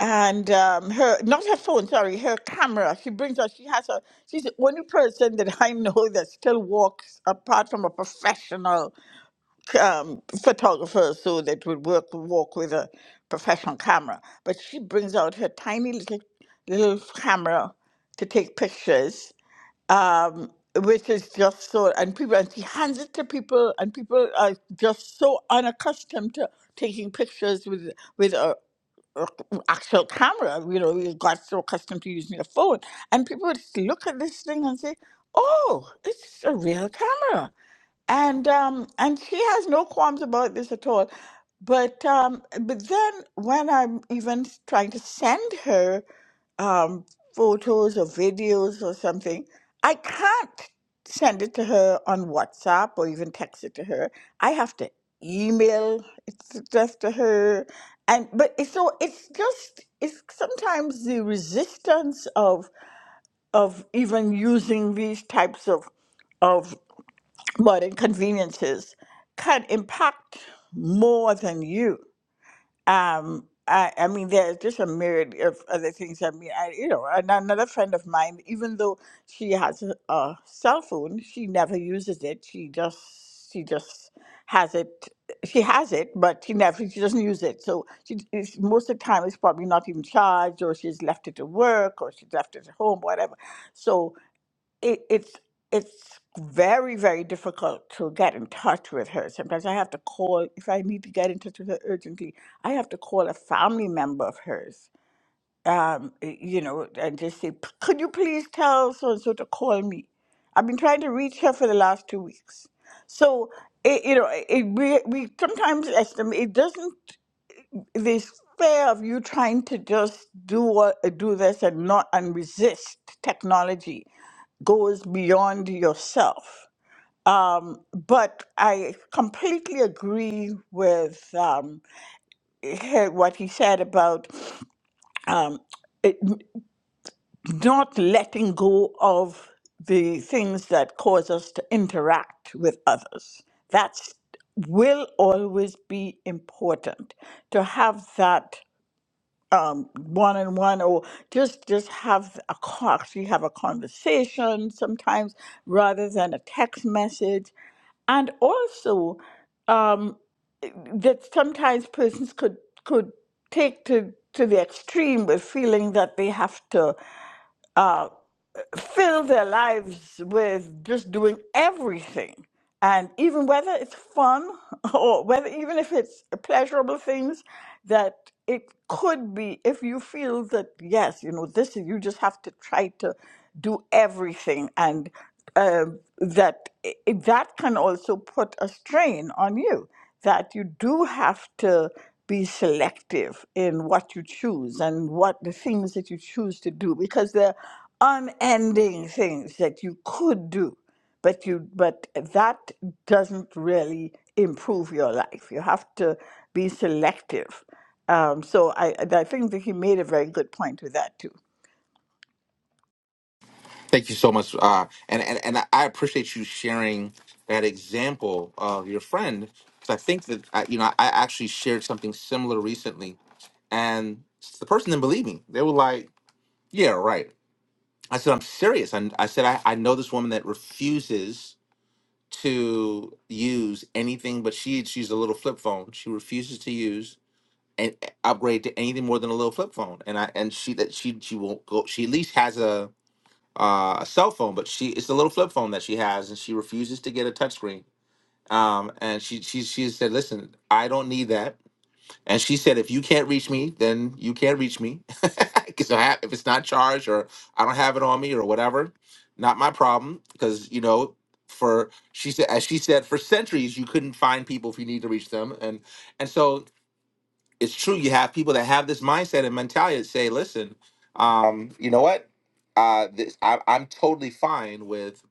[SPEAKER 8] and um, her not her phone, sorry, her camera. She brings out. She has a. She's the only person that I know that still walks apart from a professional um, photographer, so that would work walk with a professional camera. But she brings out her tiny little little camera to take pictures um, which is just so, and people, and she hands it to people, and people are just so unaccustomed to taking pictures with with a, a actual camera. You know, we got so accustomed to using a phone, and people would look at this thing and say, "Oh, it's a real camera." and um and she has no qualms about this at all but um but then when i'm even trying to send her um photos or videos or something i can't send it to her on whatsapp or even text it to her i have to email it to- just to her and but it's so it's just it's sometimes the resistance of of even using these types of of but inconveniences can impact more than you. Um, I, I mean, there's just a myriad of other things. I mean, I, you know, and another friend of mine, even though she has a, a cell phone, she never uses it. She just, she just has it. She has it, but she never, she doesn't use it. So she, it's, most of the time, it's probably not even charged, or she's left it to work, or she's left it at home, whatever. So it, it's it's very very difficult to get in touch with her sometimes i have to call if i need to get in touch with her urgently i have to call a family member of hers um, y- you know and just say "P- could you please tell so and so to call me i've been trying to reach her for the last two weeks so it, you know it, we, we sometimes estimate it doesn't this fear of you trying to just do what, do this and not and resist technology goes beyond yourself. Um, but I completely agree with um, he- what he said about um, it, not letting go of the things that cause us to interact with others. That's will always be important to have that um, one on one or just just have a co- actually have a conversation sometimes rather than a text message and also um, that sometimes persons could could take to to the extreme with feeling that they have to uh, fill their lives with just doing everything. And even whether it's fun or whether even if it's pleasurable things, that it could be if you feel that, yes, you know, this is, you just have to try to do everything. And um that i- that can also put a strain on you that you do have to be selective in what you choose and what the things that you choose to do because there are unending things that you could do but you but that doesn't really improve your life you have to be selective um, so I, I think that he made a very good point with that too
[SPEAKER 1] Thank you so much, uh, and and and I appreciate you sharing that example of your friend because I think that I, you know I actually shared something similar recently, and the person didn't believe me. They were like, "Yeah, right." I said, "I'm serious." And I said, I, "I know this woman that refuses to use anything, but she she's a little flip phone. She refuses to use." And upgrade to anything more than a little flip phone, and I and she that she she won't go. She at least has a uh, a cell phone, but she it's a little flip phone that she has, and she refuses to get a touchscreen. Um, and she she she said, "Listen, I don't need that." And she said, "If you can't reach me, then you can't reach me, because if it's not charged or I don't have it on me or whatever, not my problem. Because you know, for she said, as she said, for centuries you couldn't find people if you need to reach them, and and so it's true you have people that have this mindset and mentality that say listen um you know what uh this I, i'm totally fine with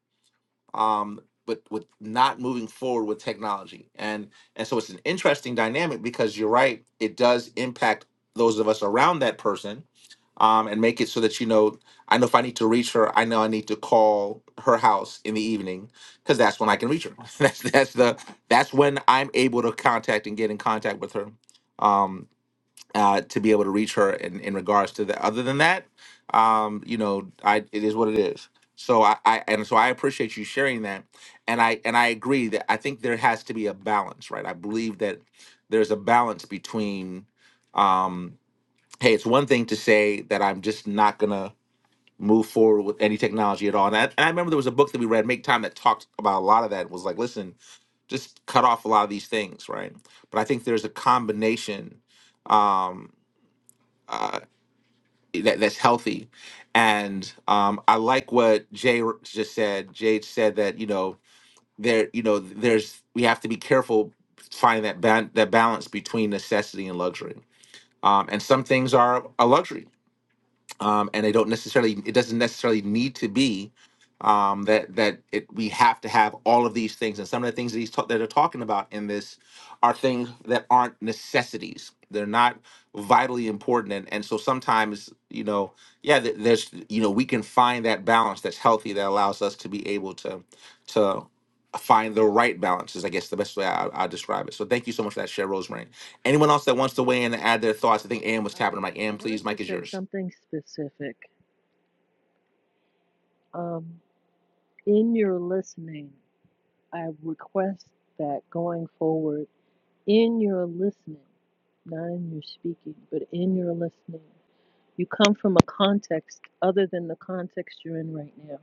[SPEAKER 1] um but with not moving forward with technology and and so it's an interesting dynamic because you're right it does impact those of us around that person um, and make it so that you know i know if i need to reach her i know i need to call her house in the evening because that's when i can reach her that's that's the that's when i'm able to contact and get in contact with her um, uh, to be able to reach her in, in regards to that. Other than that, um, you know, I it is what it is. So I, I and so I appreciate you sharing that, and I and I agree that I think there has to be a balance, right? I believe that there's a balance between, um, hey, it's one thing to say that I'm just not gonna move forward with any technology at all, and I, and I remember there was a book that we read, Make Time, that talked about a lot of that. was like, listen, just cut off a lot of these things, right? But I think there's a combination. Um, uh, that that's healthy. And um, I like what Jay r- just said. Jade said that you know there you know there's we have to be careful finding that ban- that balance between necessity and luxury. Um, and some things are a luxury um, and they don't necessarily it doesn't necessarily need to be um, that that it, we have to have all of these things and some of the things that he's ta- that are talking about in this are things that aren't necessities they're not vitally important and, and so sometimes you know yeah th- there's you know we can find that balance that's healthy that allows us to be able to to find the right balance is i guess the best way i, I describe it so thank you so much for that share rosemary anyone else that wants to weigh in and add their thoughts i think ann was tapping i'm
[SPEAKER 7] Um,
[SPEAKER 1] like
[SPEAKER 7] I
[SPEAKER 1] ann
[SPEAKER 7] wanted
[SPEAKER 1] please
[SPEAKER 7] to
[SPEAKER 1] mike is
[SPEAKER 7] say
[SPEAKER 1] yours
[SPEAKER 7] something specific. Um, in your listening. I request that going forward in your listening, not in your speaking, but in your listening, you come from a context other than the context you're in right now.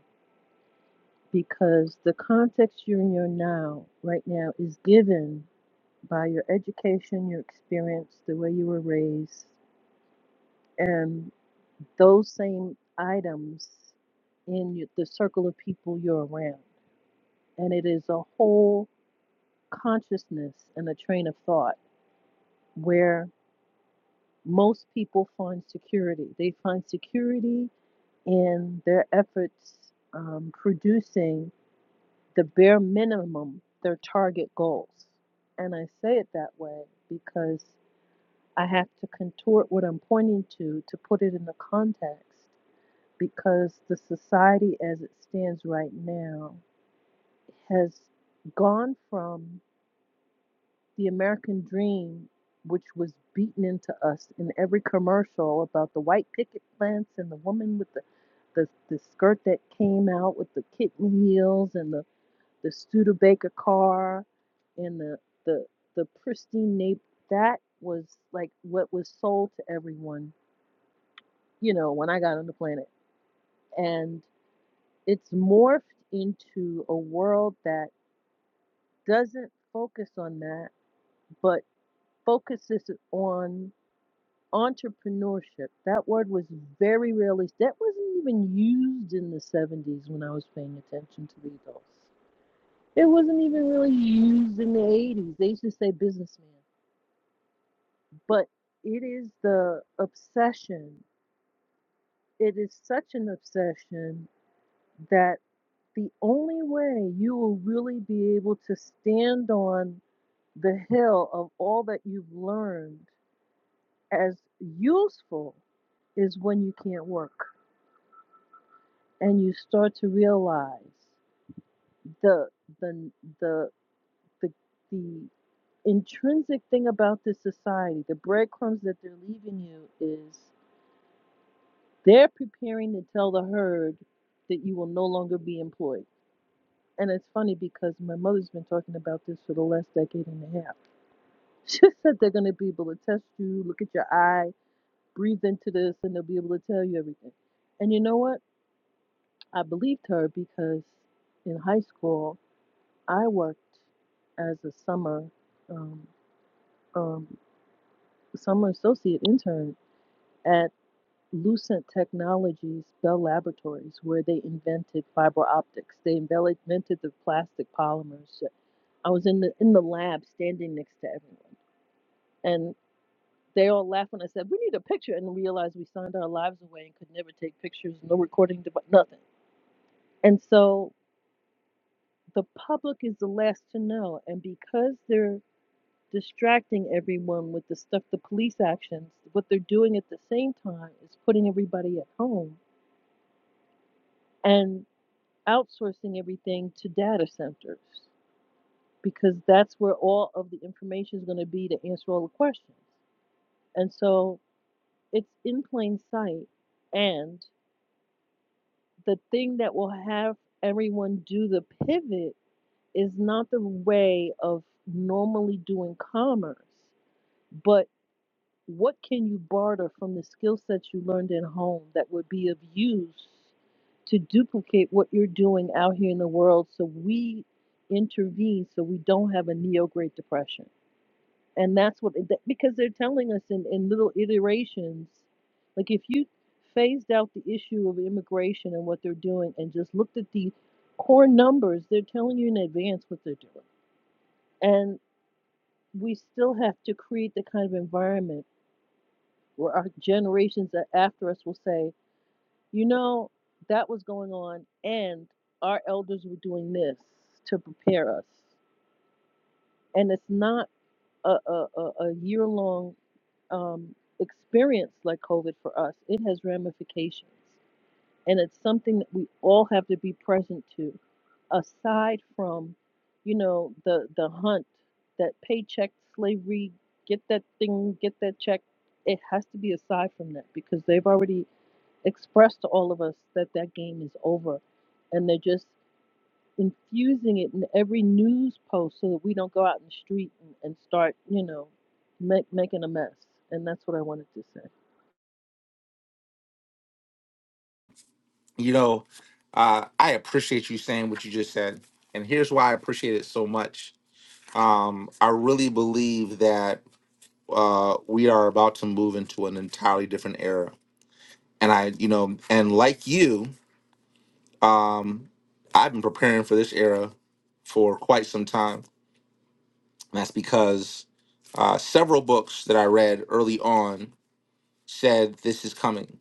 [SPEAKER 7] Because the context you're in your now, right now, is given by your education, your experience, the way you were raised, and those same items in the circle of people you're around. And it is a whole consciousness and a train of thought where most people find security. They find security in their efforts um, producing the bare minimum, their target goals. And I say it that way because I have to contort what I'm pointing to to put it in the context because the society as it stands right now has gone from the American dream, which was beaten into us in every commercial about the white picket plants and the woman with the, the, the skirt that came out with the kitten heels and the, the Studebaker car and the, the, the pristine nape, that was like what was sold to everyone, you know, when I got on the planet. And it's morphed into a world that doesn't focus on that, but focuses on entrepreneurship that word was very rarely that wasn't even used in the 70s when i was paying attention to the adults it wasn't even really used in the 80s they used to say businessman but it is the obsession it is such an obsession that the only way you will really be able to stand on the hill of all that you've learned as useful is when you can't work and you start to realize the the the the the intrinsic thing about this society, the breadcrumbs that they're leaving you is they're preparing to tell the herd that you will no longer be employed. And it's funny because my mother's been talking about this for the last decade and a half. She said they're going to be able to test you, look at your eye, breathe into this, and they'll be able to tell you everything. And you know what? I believed her because in high school, I worked as a summer um, um, summer associate intern at Lucent Technologies Bell Laboratories, where they invented fiber optics. They invel- invented the plastic polymers. I was in the in the lab, standing next to everyone, and they all laughed when I said, "We need a picture," and realized we signed our lives away and could never take pictures, no recording device, nothing. And so the public is the last to know, and because they're distracting everyone with the stuff, the police actions. What they're doing at the same time is putting everybody at home and outsourcing everything to data centers because that's where all of the information is going to be to answer all the questions. And so it's in plain sight. And the thing that will have everyone do the pivot is not the way of normally doing commerce, but What can you barter from the skill sets you learned at home that would be of use to duplicate what you're doing out here in the world so we intervene so we don't have a neo Great Depression? And that's what, that- because they're telling us in, in little iterations, like if you phased out the issue of immigration and what they're doing and just looked at the core numbers, they're telling you in advance what they're doing. And we still have to create the kind of environment where our generations a- after us will say, you know, that was going on, and our elders were doing this to prepare us. And it's not a, a, a year long um, experience like COVID for us, it has ramifications. And it's something that we all have to be present to, aside from, you know, the, the hunt, that paycheck slavery, get that thing, get that check. It has to be aside from that because they've already express to all of us that that game is over. And they're just infusing it in every news post so that we don't go out in the street and, and start, you know, make, making a mess. And that's what I wanted to say.
[SPEAKER 1] you know, uh, I appreciate you saying what you just said, and here's why I appreciate it so much. Um, I really believe that uh, we are about to move into an entirely different era, and I, you know, and like you, um, I've been preparing for this era for quite some time. And that's because uh, several books that I read early on said this is coming.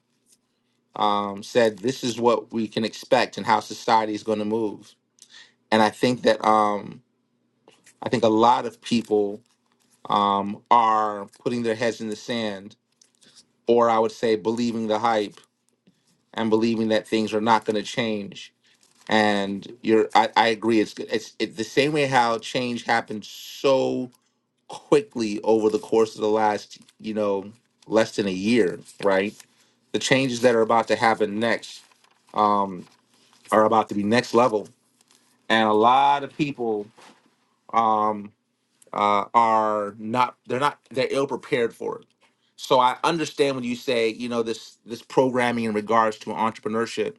[SPEAKER 1] Um, said this is what we can expect and how society is going to move and I think that um, I think a lot of people um, are putting their heads in the sand, or I would say believing the hype and believing that things are not going to change. And you're, I, I agree. It's it's it, the same way how change happened so quickly over the course of the last, you know, less than a year, right? The changes that are about to happen next um, are about to be next level, and a lot of people Um, uh, are not they're not they're ill prepared for it. So I understand when you say you know this this programming in regards to entrepreneurship.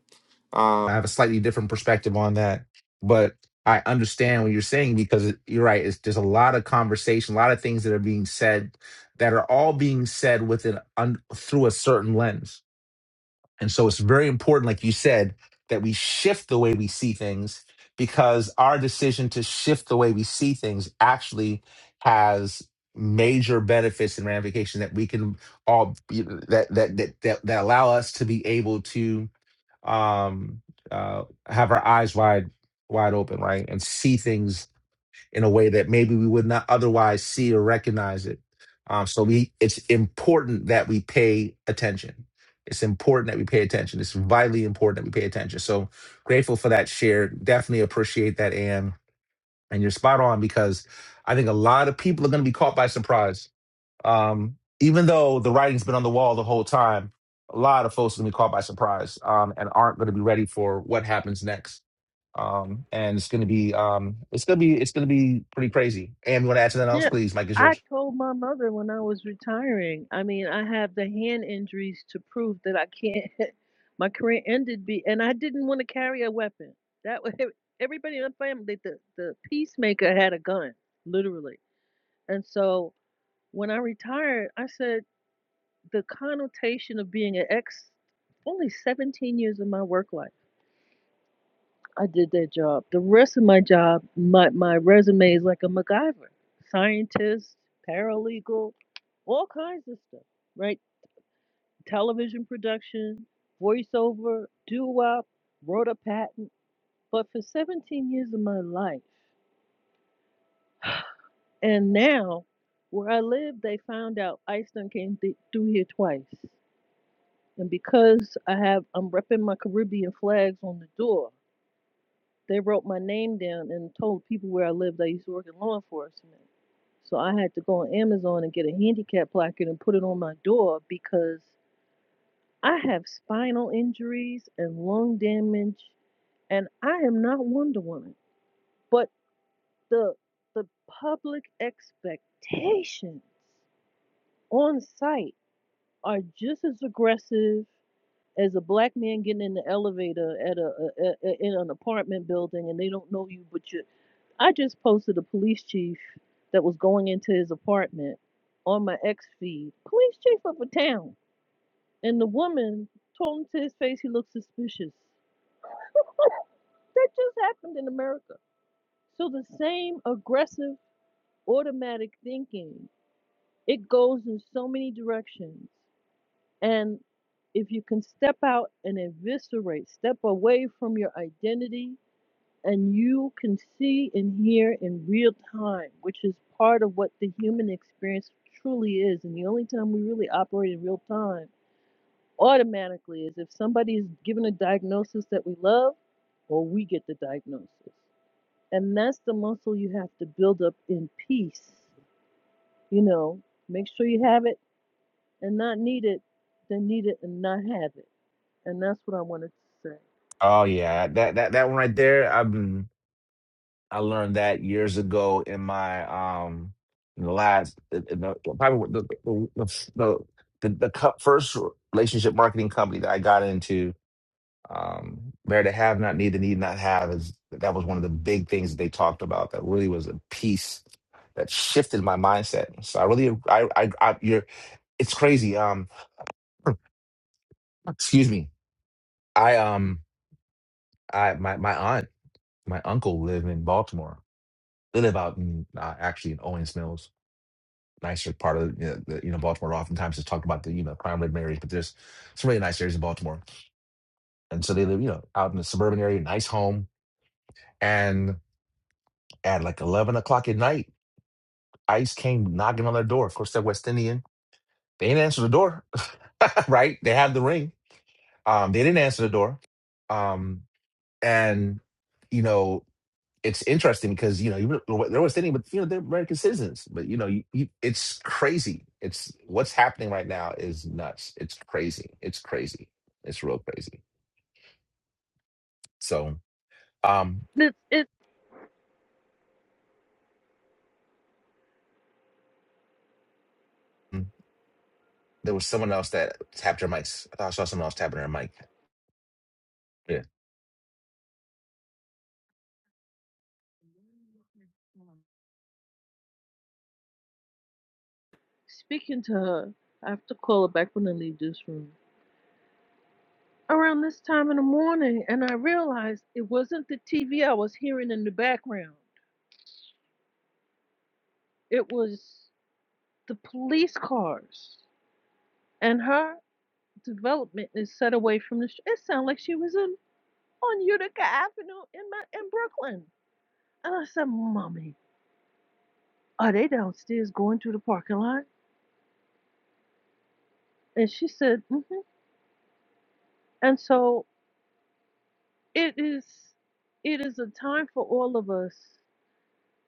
[SPEAKER 1] I Um, have a slightly different perspective on that, but I understand what you're saying because it- you're right. It's there's a lot of conversation, a lot of things that are being said that are all being said with an un, through a certain lens. And so it's very important, like you said, that we shift the way we see things because our decision to shift the way we see things actually has major benefits and ramifications that we can all be, that, that that that that allow us to be able to um uh have our eyes wide wide open right and see things in a way that maybe we would not otherwise see or recognize it. Um, so we, it's important that we pay attention. It's important that we pay attention. It's vitally important that we pay attention. So grateful for that share. Definitely appreciate that, Am. And you're spot on because I think a lot of people are going to be caught by surprise um, even though the writing's been on the wall the whole time, a lot of folks are going to be caught by surprise um, and aren't going to be ready for what happens next. Um, and it's going to be um, it's going to be it's going to be pretty crazy. And you want to add something else,
[SPEAKER 7] Yeah.
[SPEAKER 1] please? Mike is
[SPEAKER 7] I
[SPEAKER 1] yours.
[SPEAKER 7] told my mother when I was retiring, I mean, I have the hand injuries to prove that I can't, my career ended, be, and I didn't want to carry a weapon. That was, everybody in my family, the, the peacemaker had a gun, literally. And so when I retired, I said, the connotation of being an ex only 17 years of my work life i did that job the rest of my job my, my resume is like a macgyver scientist paralegal all kinds of stuff right television production voiceover doo-wop wrote a patent but for 17 years of my life and now where i live they found out ice done came th- through here twice And because I have, I'm repping my Caribbean flags on the door. They wrote my name down and told people where I lived. I used to work in law enforcement. So I had to go on Amazon and get a handicap placard and put it on my door because I have spinal injuries and lung damage, and I am not Wonder Woman. But the the public expectations on site are just as aggressive as a black man getting in the elevator at a, a, a in an apartment building and they don't know you but you i just posted a police chief that was going into his apartment on my ex feed police chief of a town and the woman told him to his face he looked suspicious that just happened in america so the same aggressive automatic thinking it goes in so many directions and if you can step out and eviscerate step away from your identity and you can see and hear in real time, which is part of what the human experience truly is. And the only time we really operate in real time automatically is if somebody is given a diagnosis that we love, or we get the diagnosis. And that's the muscle you have to build up in peace. You know, make sure you have it and not need it, then need it and not have it. And that's what I wanted to say.
[SPEAKER 1] Oh yeah, that that that one right there. I've been I learned that years ago in my um in the last in the, probably the the the, the, the, the co- first relationship marketing company that I got into Um, where to have not need, the need not have is that was one of the big things that they talked about. That really was a piece that shifted my mindset. So I really, I, I, I you're, it's crazy. Um, excuse me. I, um, I, my, my aunt, my uncle live in Baltimore. They live out in uh, actually in Owings Mills, nicer part of you know, the, you know Baltimore. Oftentimes is talked about the you know crime ridden areas, but there's some really nice areas in Baltimore. And so they live, you know, out in the suburban area, nice home. And at like eleven o'clock at night ICE came knocking on their door. Of course, they're West Indian. They didn't answer the door, right? They had the ring. Um, they didn't answer the door. Um, and you know, it's interesting because you know you re- they're West Indian, but you know they're American citizens. But you know, you, you, it's crazy. It's what's happening right now is nuts. It's crazy. It's crazy. It's real crazy. So um,
[SPEAKER 7] It's, it's
[SPEAKER 1] there was someone else that tapped their mics. I thought I saw someone else tapping their mic. Yeah.
[SPEAKER 7] speaking to her. I have to call her back when I leave this room. around this time in the morning and I realized it wasn't the TV I was hearing in the background. It was the police cars. And her development is set away from the sh- it sounded like she was in on Utica Avenue in my in Brooklyn. And I said, Mommy, are they downstairs going to the parking lot? And she said, Mm-hmm. And so it is it is a time for all of us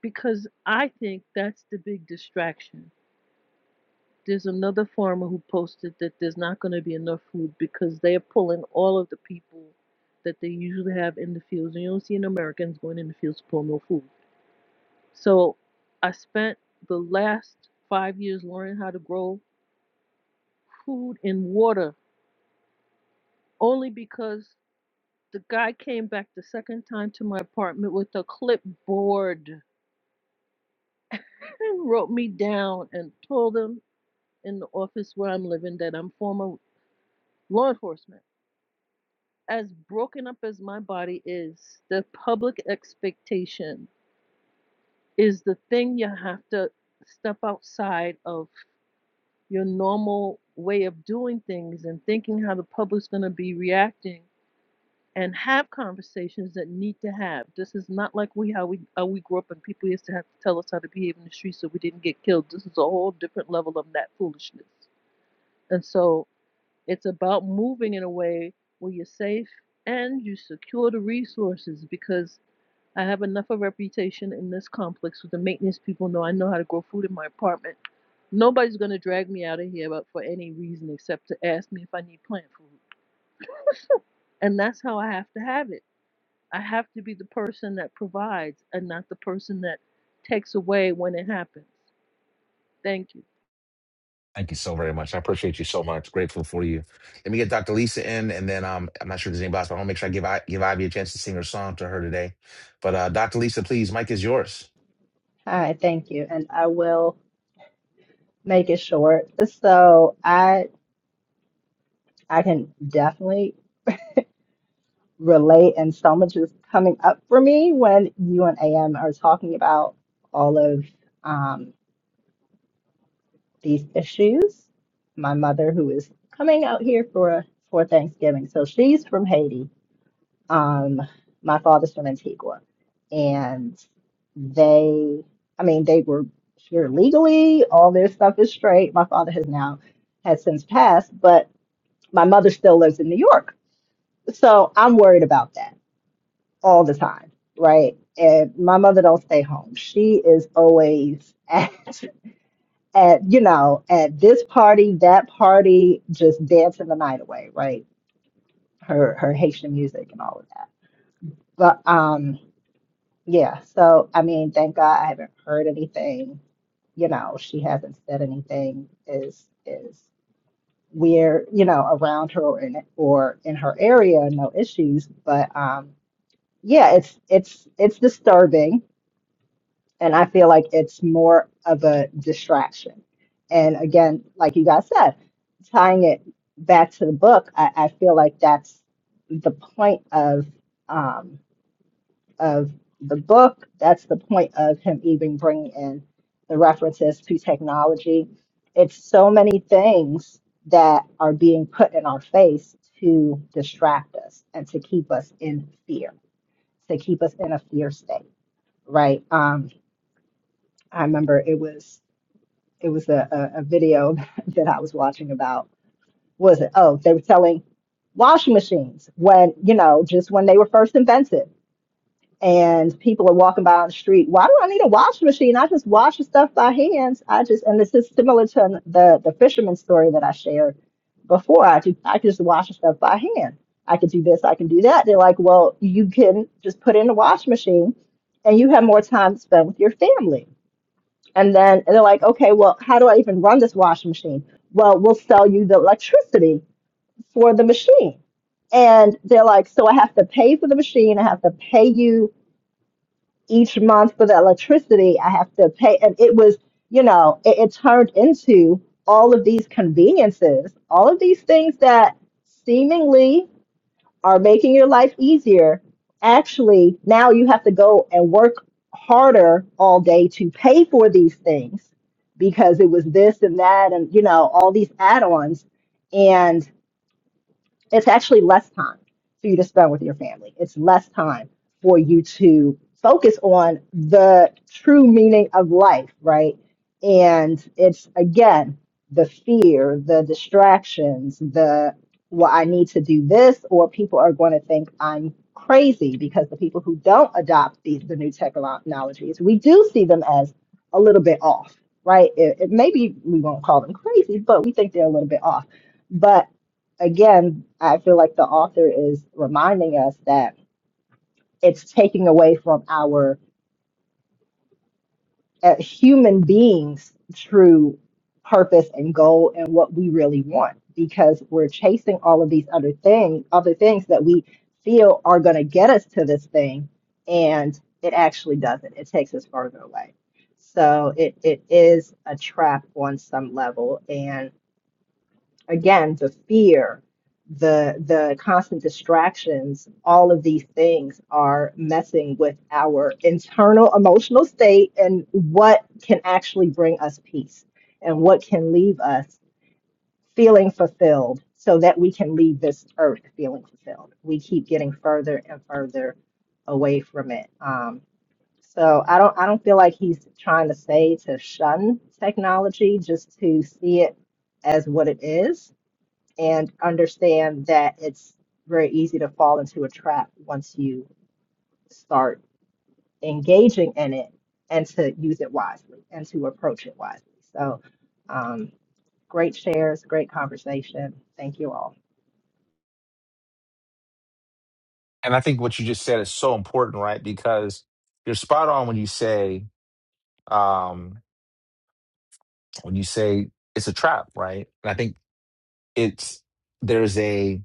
[SPEAKER 7] because I think that's the big distraction There's another farmer who posted that there's not going to be enough food because they are pulling all of the people that they usually have in the fields. And you don't see an Americans going in the fields to pull no food. So I spent the last five years learning how to grow food and water only because the guy came back the second time to my apartment with a clipboard and wrote me down and told him in the office where I'm living that I'm former law enforcement. as broken up as my body is, the public expectation is the thing you have to step outside of your normal way of doing things and thinking how the public's going to be reacting and have conversations that need to have. This is not like we how we how we grew up and people used to have to tell us how to behave in the street so we didn't get killed. This is a whole different level of that foolishness. And so it's about moving in a way where you're safe and you secure the resources because I have enough of a reputation in this complex with the maintenance people know I know how to grow food in my apartment. Nobody's gonna drag me out of here but for any reason except to ask me if I need plant food. And that's how I have to have it. I have to be the person that provides and not the person that takes away when it happens. Thank you.
[SPEAKER 1] Thank you so very much. I appreciate you so much. Grateful for you. Let me get Dr. Lisa in, and then um, I'm not sure if there's anybody else, but I want to make sure I give I, give Ivy a chance to sing her song to her today. But uh, Dr. Lisa, please, mic is yours.
[SPEAKER 5] All right, thank you. And I will make it short. So I I can definitely relate and so much is coming up for me when you and AM are talking about all of um, these issues. My mother, who is coming out here for for Thanksgiving, so she's from Haiti. Um, my father's from Antigua, and they, I mean, they were here legally. All their stuff is straight. My father has now has since passed, but my mother still lives in New York, so I'm worried about that all the time, right? And my mother don't stay home. She is always at at you know at this party, that party, just dancing the night away, right? Her her Haitian music and all of that, but um. Yeah, so I mean, thank God I haven't heard anything. You know, she hasn't said anything is is weird, you know, around her or in or in her area, no issues. But um yeah, it's it's it's disturbing and I feel like it's more of a distraction. And again, like you guys said, tying it back to the book, I, I feel like that's the point of um of the book. That's the point of him even bringing in the references to technology. It's so many things that are being put in our face to distract us and to keep us in fear, to keep us in a fear state, right? Um, I remember it was it was a, a, a video that I was watching about what was it? Oh, they were selling washing machines when you know just when they were first invented and people are walking by on the street. Why do I need a washing machine? I just wash the stuff by hands. I just and this is similar to the the fisherman story that I shared before. I do I could just wash the stuff by hand. I could do this. I can do that. They're like, well, you can just put it in the washing machine, and you have more time to spend with your family. And then and they're like, okay, well, how do I even run this washing machine? Well, we'll sell you the electricity for the machine. And they're like, so I have to pay for the machine. I have to pay you each month for the electricity I have to pay. And it was, you know, it, it turned into all of these conveniences, all of these things that seemingly are making your life easier. Actually, now you have to go and work harder all day to pay for these things because it was this and that and, you know, all these add ons it's actually less time for you to spend with your family. It's less time for you to focus on the true meaning of life, right? And it's again the fear, the distractions, the well, I need to do this, or people are going to think I'm crazy because the people who don't adopt these the new technologies, we do see them as a little bit off, right? It, it, maybe we won't call them crazy, but we think they're a little bit off. But again, I feel like the author is reminding us that it's taking away from our uh, human beings' true purpose and goal and what we really want because we're chasing all of these other things, other things that we feel are going to get us to this thing, and it actually doesn't. It takes us further away. So it, it is a trap on some level, and. again the fear the the constant distractions all of these things are messing with our internal emotional state and what can actually bring us peace and what can leave us feeling fulfilled so that we can leave this earth feeling fulfilled we keep getting further and further away from it um, so i don't i don't feel like he's trying to say to shun technology just to see it as what it is and understand that it's very easy to fall into a trap once you start engaging in it and to use it wisely and to approach it wisely. So, um, great shares, great conversation. Thank you all.
[SPEAKER 1] And I think what you just said is so important, right? Because you're spot on when you say um, when you say it's a trap, right? And I think it's there's a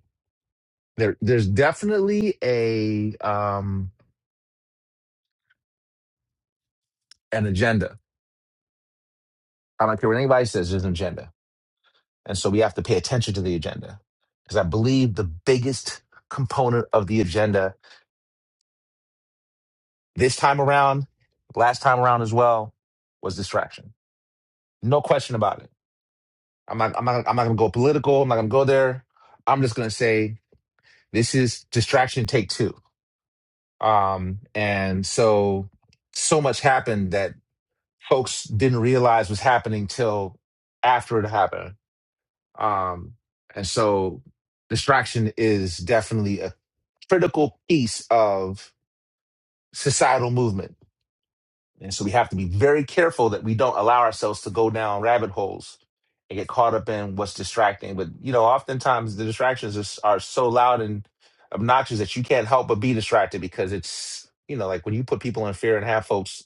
[SPEAKER 1] there there's definitely a um, an agenda. I don't care what anybody says. There's an agenda And so we have to pay attention to the agenda. Because I believe the biggest component of the agenda this time around, last time around as well, was distraction. No question about it. I'm not, I'm not, I'm not going to go political. I'm not going to go there. I'm just going to say this is distraction take two. Um, and so, so much happened that folks didn't realize was happening till after it happened Um, and so distraction is definitely a critical piece of societal movement. And so we have to be very careful that we don't allow ourselves to go down rabbit holes and get caught up in what's distracting. But, you know, oftentimes the distractions are, s- are so loud and obnoxious that you can't help but be distracted because it's, you know, like when you put people in fear and have folks,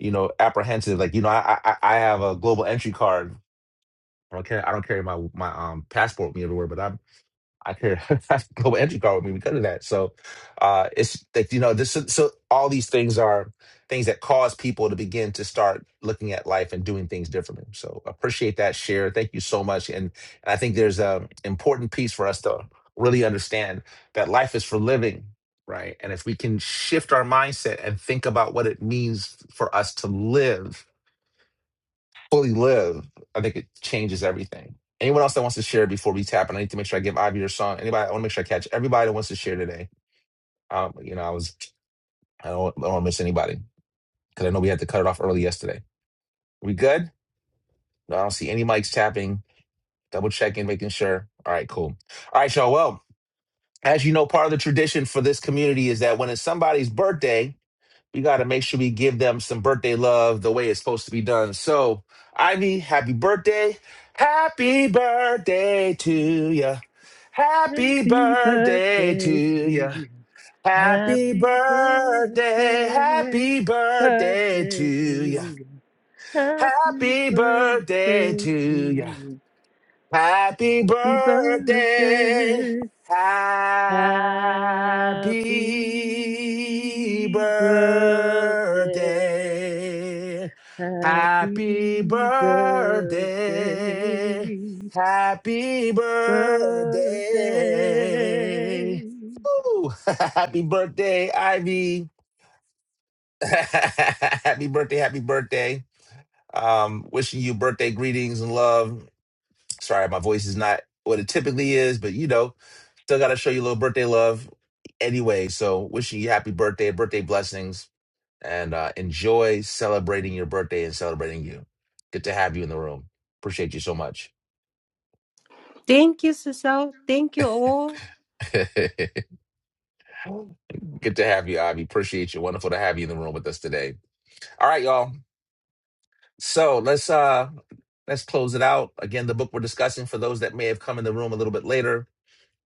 [SPEAKER 1] you know, apprehensive, like, you know, I, I, I I have a global entry card. I don't care. I don't carry my, my um, passport with me everywhere, but I'm I could I could go with entry card with me because of that. So uh it's like you know, this is- so all these things are things that cause people to begin to start looking at life and doing things differently. So appreciate that share. Thank you so much. And, and I think there's a important piece for us to really understand that life is for living, right? And if we can shift our mindset and think about what it means for us to live fully live, I think it changes everything. Anyone else that wants to share before we tap? And I need to make sure I give Ivy your song. Anybody? I want to make sure I catch everybody that wants to share today. Um, you know, I was I don't, I don't want to miss anybody because I know we had to cut it off early yesterday. We good? No, I don't see any mics tapping. Double checking, making sure. All right, cool. All right, y'all. Well, as you know, part of the tradition for this community is that when it's somebody's birthday. we got to make sure we give them some birthday love the way it's supposed to be done. So, Ivy, happy birthday. Happy birthday to you. Happy
[SPEAKER 7] Happy
[SPEAKER 1] birthday to
[SPEAKER 7] birthday to
[SPEAKER 1] you.
[SPEAKER 7] you.
[SPEAKER 1] Happy
[SPEAKER 7] Happy
[SPEAKER 1] birthday.
[SPEAKER 7] birthday.
[SPEAKER 1] Happy birthday to
[SPEAKER 7] Birthday
[SPEAKER 1] you.
[SPEAKER 7] to you. Happy
[SPEAKER 1] Happy birthday
[SPEAKER 7] birthday
[SPEAKER 1] to
[SPEAKER 7] to
[SPEAKER 1] you.
[SPEAKER 7] you.
[SPEAKER 1] Happy
[SPEAKER 7] Happy
[SPEAKER 1] birthday.
[SPEAKER 7] birthday. Happy
[SPEAKER 1] Happy
[SPEAKER 7] birthday.
[SPEAKER 1] birthday. Happy
[SPEAKER 7] Happy birthday.
[SPEAKER 1] birthday. Happy birthday.
[SPEAKER 7] Birthday.
[SPEAKER 1] Woo. happy birthday, Ivy. happy birthday, happy birthday. Um, wishing you birthday greetings and love. Sorry, my voice is not what it typically is, but you know, still got to show you a little birthday love anyway. So, wishing you happy birthday, birthday blessings, and uh, enjoy celebrating your birthday and celebrating you. Good to have you in the room. Appreciate you so much.
[SPEAKER 9] Thank you, Cecile. Thank you all.
[SPEAKER 1] Good to have you, Ivy. Appreciate you. Wonderful to have you in the room with us today. All right, y'all. So let's uh let's close it out. Again, the book we're discussing for those that may have come in the room a little bit later,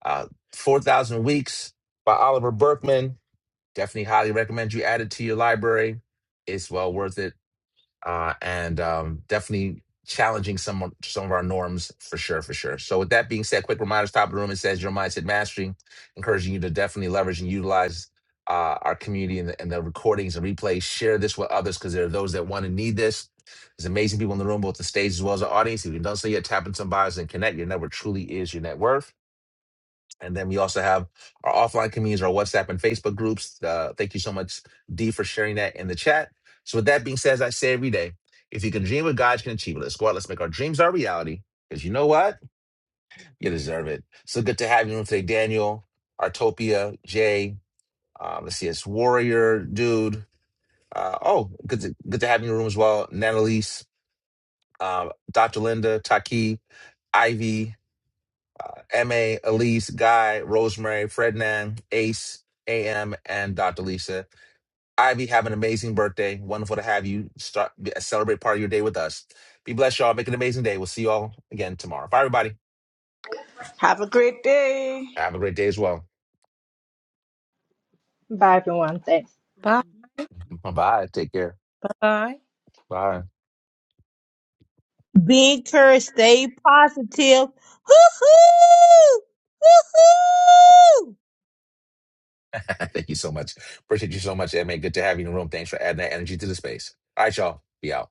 [SPEAKER 1] uh, Four Thousand Weeks by Oliver Berkman Definitely highly recommend you add it to your library. It's well worth it. Uh, and um, definitely challenging some of- some of our norms for sure, for sure. So with that being said, quick reminders, top of the room, it says your mindset mastery, encouraging you to definitely leverage and utilize uh, our community and the, and the recordings and replays. Share this with others because there are those that want to need this. There's amazing people in the room, both the stage as well as the audience. If you've done so yet, tap into some bios and connect. Your network truly is your net worth. And then we also have our offline communities, our WhatsApp and Facebook groups. Uh, thank you so much, D, for sharing that in the chat. So, with that being said, as I say every day, if you can dream what God can achieve it. Let's go out. Let's make our dreams our reality. Because you know what? You deserve it. So good to have you on today, Daniel, Artopia, Jay. Um, let's see, it's Warrior, dude. Uh, oh, good to, good to have you in the room as well. Nanalise, uh, Dr. Linda, Taki, Ivy. MA, Elise, Guy, Rosemary, Frednan, Ace, AM, and Dr. Lisa. Ivy, have an amazing birthday. Wonderful to have you start celebrate part of your day with us. Be blessed, y'all. Make it an amazing day. We'll see you all again tomorrow. Bye, everybody.
[SPEAKER 8] have a great day
[SPEAKER 1] Have a great day as well.
[SPEAKER 5] Bye, everyone. Thanks.
[SPEAKER 9] Bye
[SPEAKER 1] Bye. Take care.
[SPEAKER 9] bye.
[SPEAKER 1] Bye.
[SPEAKER 3] Be encouraged. Stay positive. Woo-hoo! Woo-hoo!
[SPEAKER 1] Thank you so much. Appreciate you so much, MA. Good to have you in the room. Thanks for adding that energy to the space. All right, y'all. Be out.